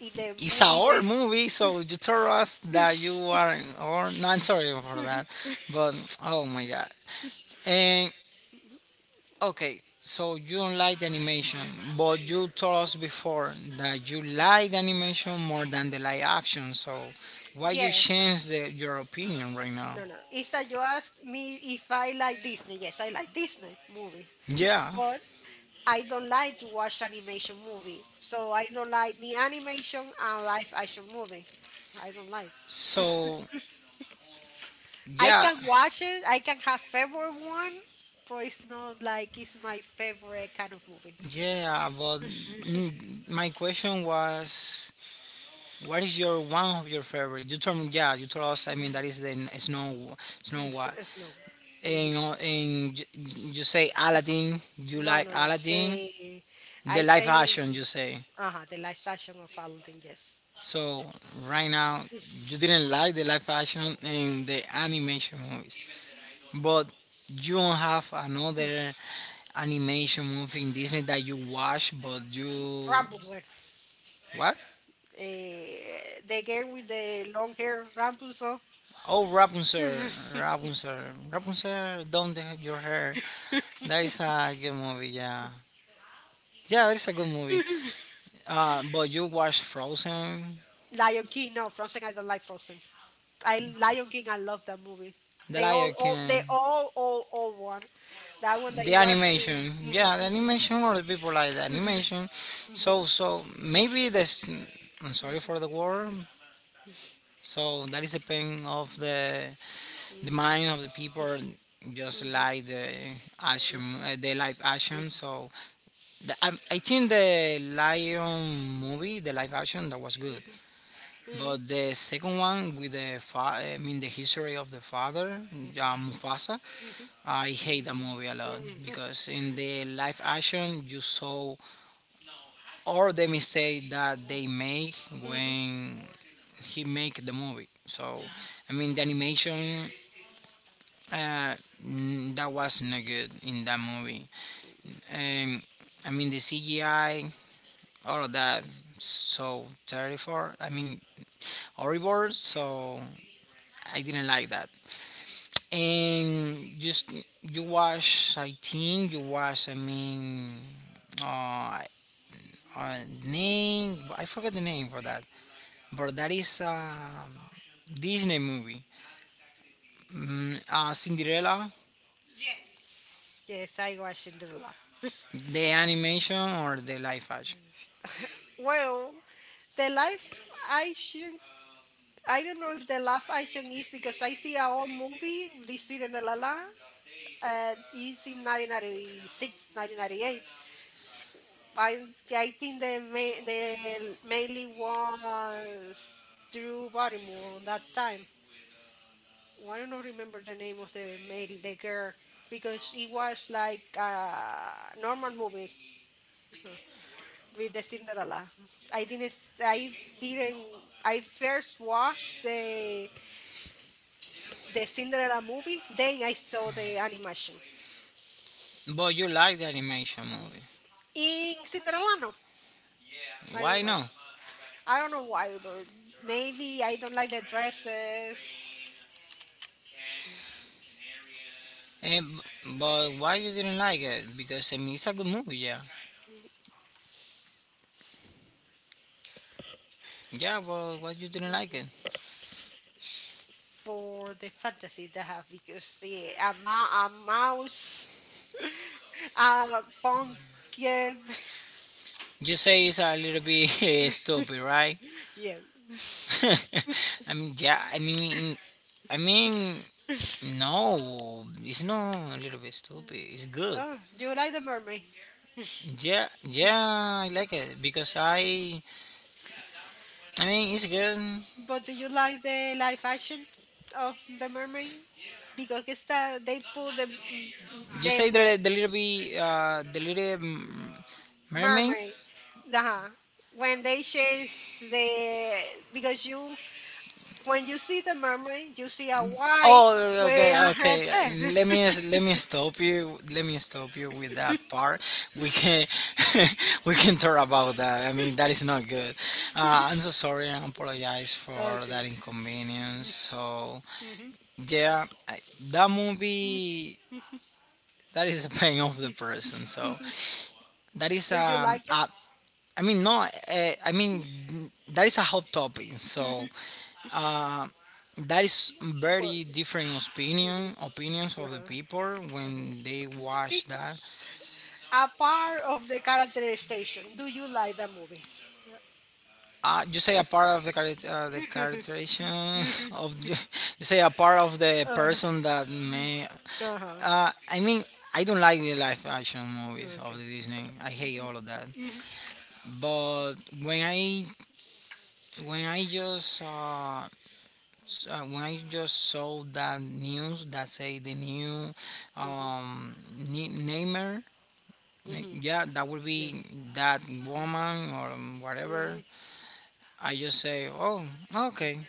Speaker 2: In the
Speaker 1: It's a
Speaker 2: movie,
Speaker 1: horror movie, so you told us that you are in horror. No, I'm sorry for that, but oh my god. And okay, so you don't like the animation, but you told us before that you like the animation more than the live action. So why you
Speaker 2: yes,
Speaker 1: change the, your opinion right now?
Speaker 2: no, no. Is that you ask me if I like Disney? Yes, I like Disney movies,
Speaker 1: Yeah.
Speaker 2: but I don't like to watch animation movie. So I don't like the animation and live action movie. I don't like.
Speaker 1: So
Speaker 2: I
Speaker 1: yeah.
Speaker 2: can watch it. I can have favorite one, but it's not like it's my favorite kind of movie.
Speaker 1: Yeah, but
Speaker 2: <laughs>
Speaker 1: my question was, what is your one of your favorite? You told me, yeah, you told us. I mean,
Speaker 2: Mm.
Speaker 1: that is the Snow, Snow
Speaker 2: It's,
Speaker 1: White,
Speaker 2: it's no. Mm.
Speaker 1: and you say Aladdin. You
Speaker 2: No,
Speaker 1: like
Speaker 2: no, no.
Speaker 1: Aladdin, the
Speaker 2: I
Speaker 1: live
Speaker 2: say,
Speaker 1: action. You say
Speaker 2: the last action of Aladdin, yes.
Speaker 1: so. Right now,
Speaker 2: It's
Speaker 1: you didn't like the live action and the animation movies, but you don't have another animation movie in Disney that you watch, but you
Speaker 2: Rapunzel.
Speaker 1: what?
Speaker 2: The girl with the long hair, Rapunzel.
Speaker 1: Oh, Rapunzel,
Speaker 2: <laughs>
Speaker 1: Rapunzel, Rapunzel, down the, your hair. That is a good movie, yeah. Yeah, that is a good movie. But you watch Frozen,
Speaker 2: Lion King, no, Frozen, I don't like Frozen. I Lion King, I love that movie.
Speaker 1: The Lion
Speaker 2: They
Speaker 1: King,
Speaker 2: all one. That one that
Speaker 1: the
Speaker 2: it was.
Speaker 1: animation. Yeah, the animation
Speaker 2: <laughs>
Speaker 1: or the people like the
Speaker 2: Mhm. Mhm. Mhm. Mhm. Mhm.
Speaker 1: animation.
Speaker 2: Mhm. Mhm.
Speaker 1: So, so maybe this. I'm sorry for the word. So that is a pain of the mind of the people. Just like the action, the live action. So the, I think the Lion movie, the live action, that was good. But the second one with I mean the history of the father, Mufasa,
Speaker 2: Mhm. Mhm.
Speaker 1: I hate the movie a lot because in the live action you saw all the mistake that they make
Speaker 2: Mhm.
Speaker 1: when he make the movie. So,
Speaker 2: Mhm.
Speaker 1: I mean the animation uh, that was not good in that movie. Um, I mean the CGI, all of that so terrible. I mean horrible. So I didn't like that. And just, you watch, I think you watch, I mean uh, uh name, I forget the name for that, but that is a Disney movie, Cinderella,
Speaker 2: Yes, I was in the lab.
Speaker 1: the animation or the live action?
Speaker 2: Well, the live action, I don't know if the live action is because I see a old movie, This Is La La, La, and it's in 1996, I I think they mainly was Drew Barrymore on that time. Well, I don't remember the name of the girl because it was like a normal movie with the Cinderella. I did not I s- I didn't I first watched the Cinderella movie, then I saw the animation.
Speaker 1: But you like the animation movie,
Speaker 2: In Cinderella no. I don't
Speaker 1: why
Speaker 2: like.
Speaker 1: no?
Speaker 2: I don't know why, but maybe I don't like the dresses
Speaker 1: Eh, b But why you didn't like it? Because I mean it's a good movie, yeah, yeah, but why you didn't like it?
Speaker 2: for the fantasy they have because a mouse, <laughs> a pumpkin. <laughs>
Speaker 1: You say it's a little bit <laughs> stupid, right?
Speaker 2: Yeah.
Speaker 1: <laughs> I mean, yeah, I mean, no, it's not a little bit stupid. It's good.
Speaker 2: Oh, do you like the mermaid?
Speaker 1: Yeah, yeah, I like it because I mean, it's good.
Speaker 2: But do you like the live action of the mermaid? Because they put
Speaker 1: You say
Speaker 2: the
Speaker 1: the little bit, the little mermaid.
Speaker 2: mermaid. uh When they change the because you when you see the mermaid, you see a white
Speaker 1: Oh, okay,
Speaker 2: with a
Speaker 1: whale.
Speaker 2: red
Speaker 1: Okay.
Speaker 2: hair.
Speaker 1: Let
Speaker 2: <laughs>
Speaker 1: me Let me stop you. Let me stop you with that part. We can <laughs> we can talk about that. I mean, that is not good. I'm
Speaker 2: <laughs>
Speaker 1: so sorry. I apologize for
Speaker 2: Okay.
Speaker 1: that inconvenience. So
Speaker 2: Mhm.
Speaker 1: yeah, I, that
Speaker 2: Mm.
Speaker 1: movie that is a pain of the person. So that is
Speaker 2: Do you
Speaker 1: um.
Speaker 2: like it?
Speaker 1: A, I mean no. I mean that is a hot topic. So
Speaker 2: Mhm.
Speaker 1: uh, that is
Speaker 2: Well,
Speaker 1: very different
Speaker 2: mhm,
Speaker 1: opinions of the
Speaker 2: uh-huh,
Speaker 1: people
Speaker 2: mhm.
Speaker 1: when they watch that.
Speaker 2: Because a part of the characterization, do you like the movie?
Speaker 1: You say
Speaker 2: Yeah.
Speaker 1: a part of the character, the characterization
Speaker 2: <laughs>
Speaker 1: <laughs>
Speaker 2: Mhm.
Speaker 1: of you, you say a part of the
Speaker 2: Uh,
Speaker 1: person that may.
Speaker 2: uh-huh.
Speaker 1: Uh, I mean, I don't like the live action movies of
Speaker 2: Okay.
Speaker 1: the Disney. I hate all of that.
Speaker 2: Mhm.
Speaker 1: But when I when I just when I just saw that news that say the new
Speaker 2: Mhm,
Speaker 1: um, Neymar
Speaker 2: Mhm.
Speaker 1: Yeah, that would
Speaker 2: Like,
Speaker 1: be that
Speaker 2: mm,
Speaker 1: woman or
Speaker 2: mhm,
Speaker 1: whatever.
Speaker 2: mhm.
Speaker 1: I just say, oh, okay,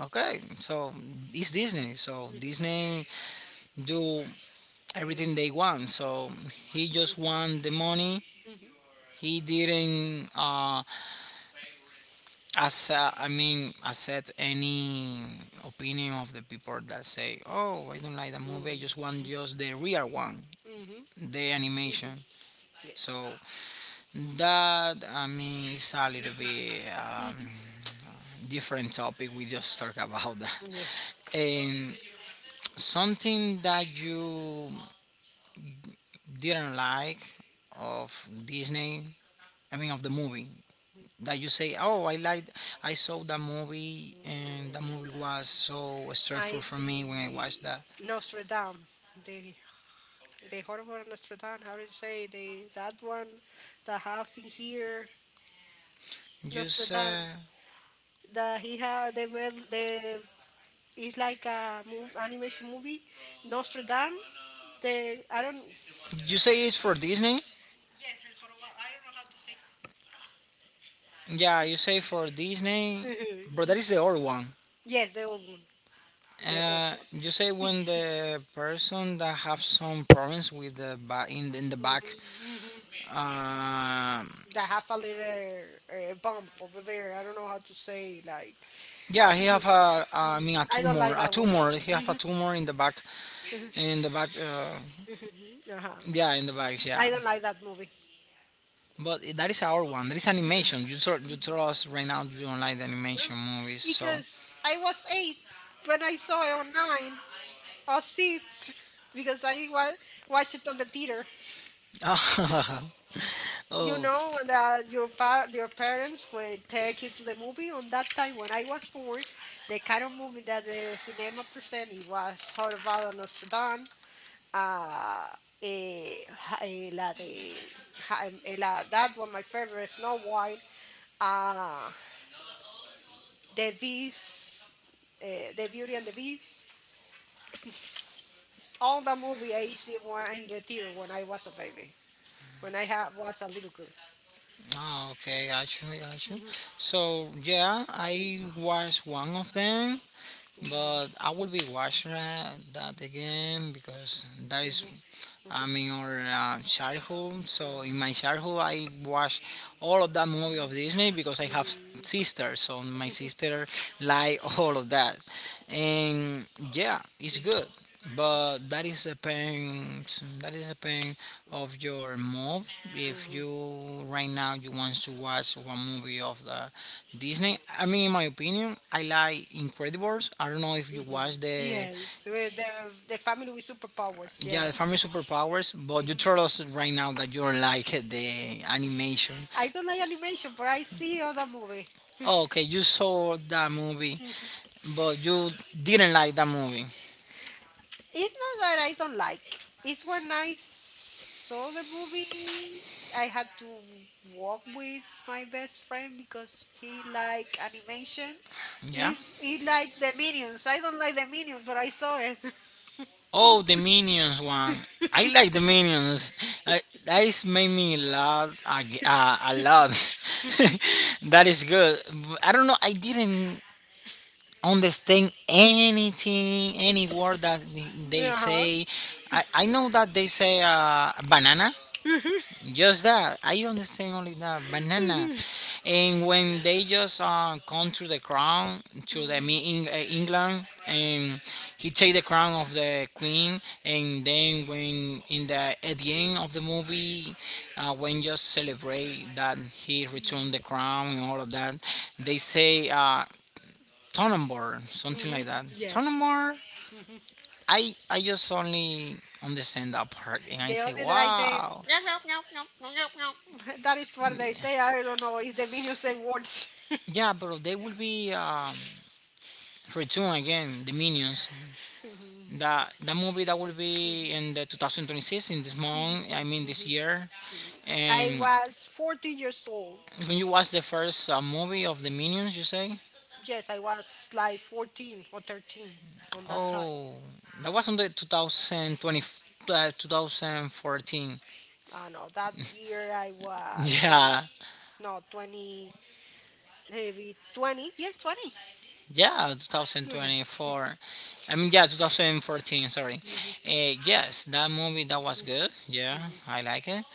Speaker 1: okay. So it's Disney. So
Speaker 2: Mhm.
Speaker 1: Disney do everything
Speaker 2: Mhm.
Speaker 1: they want. So he just want the money.
Speaker 2: Mhm,
Speaker 1: He didn't, as I mean, accept any opinion of the people that say, oh, I don't like the movie. I just want
Speaker 2: Mhm.
Speaker 1: just the real one,
Speaker 2: Mhm.
Speaker 1: the animation.
Speaker 2: Mhm. Yes.
Speaker 1: So that I mean it's a little bit
Speaker 2: Mhm.
Speaker 1: <tsk> different topic. We just talk about that.
Speaker 2: Yes.
Speaker 1: And something that you didn't like of Disney. I mean of the movie that you say, oh, I like. I saw that movie and that movie was so stressful
Speaker 2: I
Speaker 1: for me when I watched
Speaker 2: the
Speaker 1: that.
Speaker 2: Nostradam, the the horrible Nostradam. How do you say the that one that have in here
Speaker 1: Just
Speaker 2: Nostradam that he had the made the it's like a animation movie Nostradam. The I don't.
Speaker 1: You say it's for Disney. Yeah, you say for Disney, but that
Speaker 2: <laughs>
Speaker 1: is the old one.
Speaker 2: Yes, the old one, the old one.
Speaker 1: You say when the person that have some problems with the back in the back,
Speaker 2: Hmm. Hmm.
Speaker 1: um,
Speaker 2: That have a little bump over there. I don't know how to say like.
Speaker 1: yeah, he have a, I
Speaker 2: Mhm.
Speaker 1: mean a
Speaker 2: I don't like that one.
Speaker 1: tumor. He have a tumor in the back,
Speaker 2: <laughs> Uh-huh.
Speaker 1: yeah, in the back, yeah.
Speaker 2: I don't like that movie.
Speaker 1: But that is our one. That is animation. You told us right now you don't like the
Speaker 2: No,
Speaker 1: animation movies, so.
Speaker 2: because I was eight when I saw it or nine or six <laughs> because I watched it on the theater.
Speaker 1: <laughs>
Speaker 2: You
Speaker 1: oh,
Speaker 2: know, when your your parents would take you to the movie. On that time when I was born, the kind of movie that the cinema presented was Horvath Nostradam, uh, la de, la, that one my favorite, Snow White. uh, The Beast, The Beauty and the Beast. All the movie I see one in the theater when I was a baby, when I was a little girl.
Speaker 1: ah, okay, got you.
Speaker 2: Mhm,
Speaker 1: So yeah, I
Speaker 2: mhm,
Speaker 1: was one of them,
Speaker 2: mhm,
Speaker 1: but I will be watching that, that again because that is
Speaker 2: mhm, mhm,
Speaker 1: I'm in our childhood. So in my childhood, I watched all of that movie of Disney because I have
Speaker 2: mhm,
Speaker 1: sisters. So my sister like <laughs> all of that, and yeah, it's good.
Speaker 2: mhm,
Speaker 1: But that is a pain. That is a pain of your mood. If
Speaker 2: mhm.
Speaker 1: you right now you want to watch one movie of the Disney, I mean, in my opinion, I like Incredibles. I don't know if you
Speaker 2: Mhm.
Speaker 1: watch the
Speaker 2: Yes, with the family with superpowers. Yes.
Speaker 1: yeah, the family superpowers, but you told
Speaker 2: Mhm.
Speaker 1: us right now that you don't like the animation.
Speaker 2: I don't like animation, but I see other movie.
Speaker 1: Oh, okay, you saw that movie, but you didn't like that movie.
Speaker 2: It's not that I don't like. It's when I saw the movie, I had to walk with my best friend because she like animation.
Speaker 1: Yeah.
Speaker 2: If he like the Minions, I don't like the Minions, but I saw it. <laughs>
Speaker 1: Oh, the Minions one. I like the Minions. I, that is made me laugh a, g- a lot. <laughs> That is good. But I don't know. I didn't understand anything, any word that they
Speaker 2: Yeah.
Speaker 1: say. I know that they say banana.
Speaker 2: <laughs>
Speaker 1: Just that. I understand only that banana, and when they just come to the crown to the me
Speaker 2: Mhm,
Speaker 1: in, England, and he take the crown of the queen, and then when in the at the end
Speaker 2: mhm,
Speaker 1: of the movie, when just celebrate that he returned
Speaker 2: mhm,
Speaker 1: the crown and all of that, they say Tonnenborn, something like
Speaker 2: mhm.
Speaker 1: that.
Speaker 2: <laughs> Yes.
Speaker 1: Tonnenborn.
Speaker 2: Mm-hmm.
Speaker 1: I just only understand that part, and I
Speaker 2: The
Speaker 1: say
Speaker 2: only that I say,
Speaker 1: wow.
Speaker 2: <laughs> that is what they say. I don't know. It's the video say words.
Speaker 1: Yeah, bro, they will be returned again. The Minions.
Speaker 2: <laughs>
Speaker 1: That that movie that will be in the 2026 in this month. I mean this year.
Speaker 2: I
Speaker 1: And
Speaker 2: was 14 years old.
Speaker 1: when you watch the first movie of the Minions, you say,
Speaker 2: Yes, I was like 14 or 13 on that time.
Speaker 1: "Oh, that was on the 2020, 2014." <laughs>
Speaker 2: I know that year I was 20.
Speaker 1: Yeah,
Speaker 2: No, 20, maybe 20. Yes, 20.
Speaker 1: yeah,
Speaker 2: 20. <laughs>
Speaker 1: 2024. I mean, yeah, 2014. Sorry.
Speaker 2: Mhm,
Speaker 1: Yes, that movie that was good. Yeah,
Speaker 2: mhm,
Speaker 1: I like it.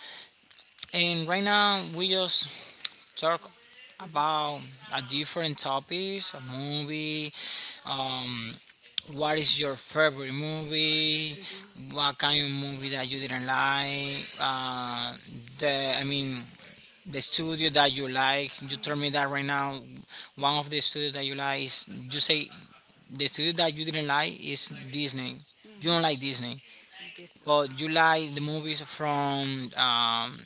Speaker 1: And right now we just talk about a different topics, a movie. Um, what is your favorite movie? What kind of movie that you didn't like? The I mean, the studio that you like. You
Speaker 2: mhm,
Speaker 1: told
Speaker 2: mhm,
Speaker 1: me that right now, one
Speaker 2: mhm.
Speaker 1: of the studios that you like is you say the studio that you didn't like is Disney. You
Speaker 2: Mm-hmm.
Speaker 1: don't like Disney,
Speaker 2: This
Speaker 1: but you like the movies from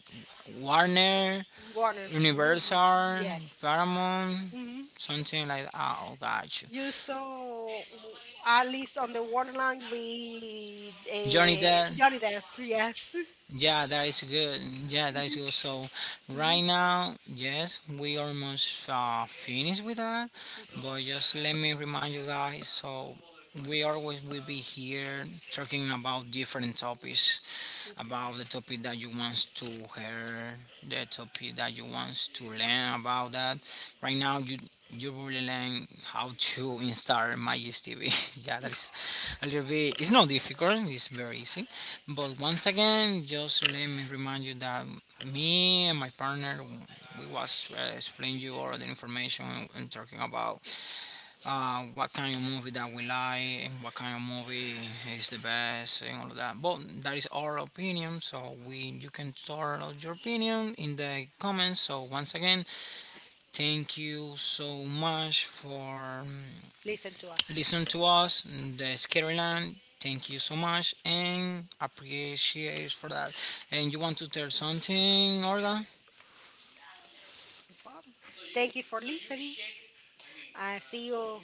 Speaker 1: Warner,
Speaker 2: Warner. Hmm.
Speaker 1: Universal,
Speaker 2: Yes.
Speaker 1: Paramount,
Speaker 2: Hmm.
Speaker 1: something like that. Oh, got you.
Speaker 2: You saw, w- at least on the Warner line with
Speaker 1: Johnny Depp.
Speaker 2: Johnny Depp. Yes.
Speaker 1: Yeah, that is good. Yeah, that is
Speaker 2: <laughs>
Speaker 1: good. So right
Speaker 2: Mhm.
Speaker 1: now, yes, we almost finished with that, but just let me remind you guys. So we always will be here talking about different topics,
Speaker 2: Okay.
Speaker 1: about the topic that you want to hear, the topic that you want to learn about that. Right now, you really learn how to install Magis TV. <laughs> Yeah, that is a little bit. It's not difficult. It's very easy. But once again, just let me remind you that me and my partner we was explaining you all the information and talking about what kind of movie that we like and what kind of movie is the best and all of that. But that is our opinion, so we you can start out your opinion in the comments. So once again, thank you so much for
Speaker 2: Listen to us.
Speaker 1: listening to us, the Scaryland. Thank you so much and appreciate for that. And you want to tell something, Olga?
Speaker 2: So far. Thank you for listening. I see you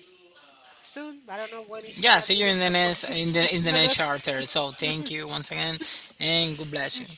Speaker 2: soon. I don't know when it's gonna
Speaker 1: Yeah, see you in the next
Speaker 2: be.
Speaker 1: in the next
Speaker 2: <laughs>
Speaker 1: charter. So thank you once again and God bless you.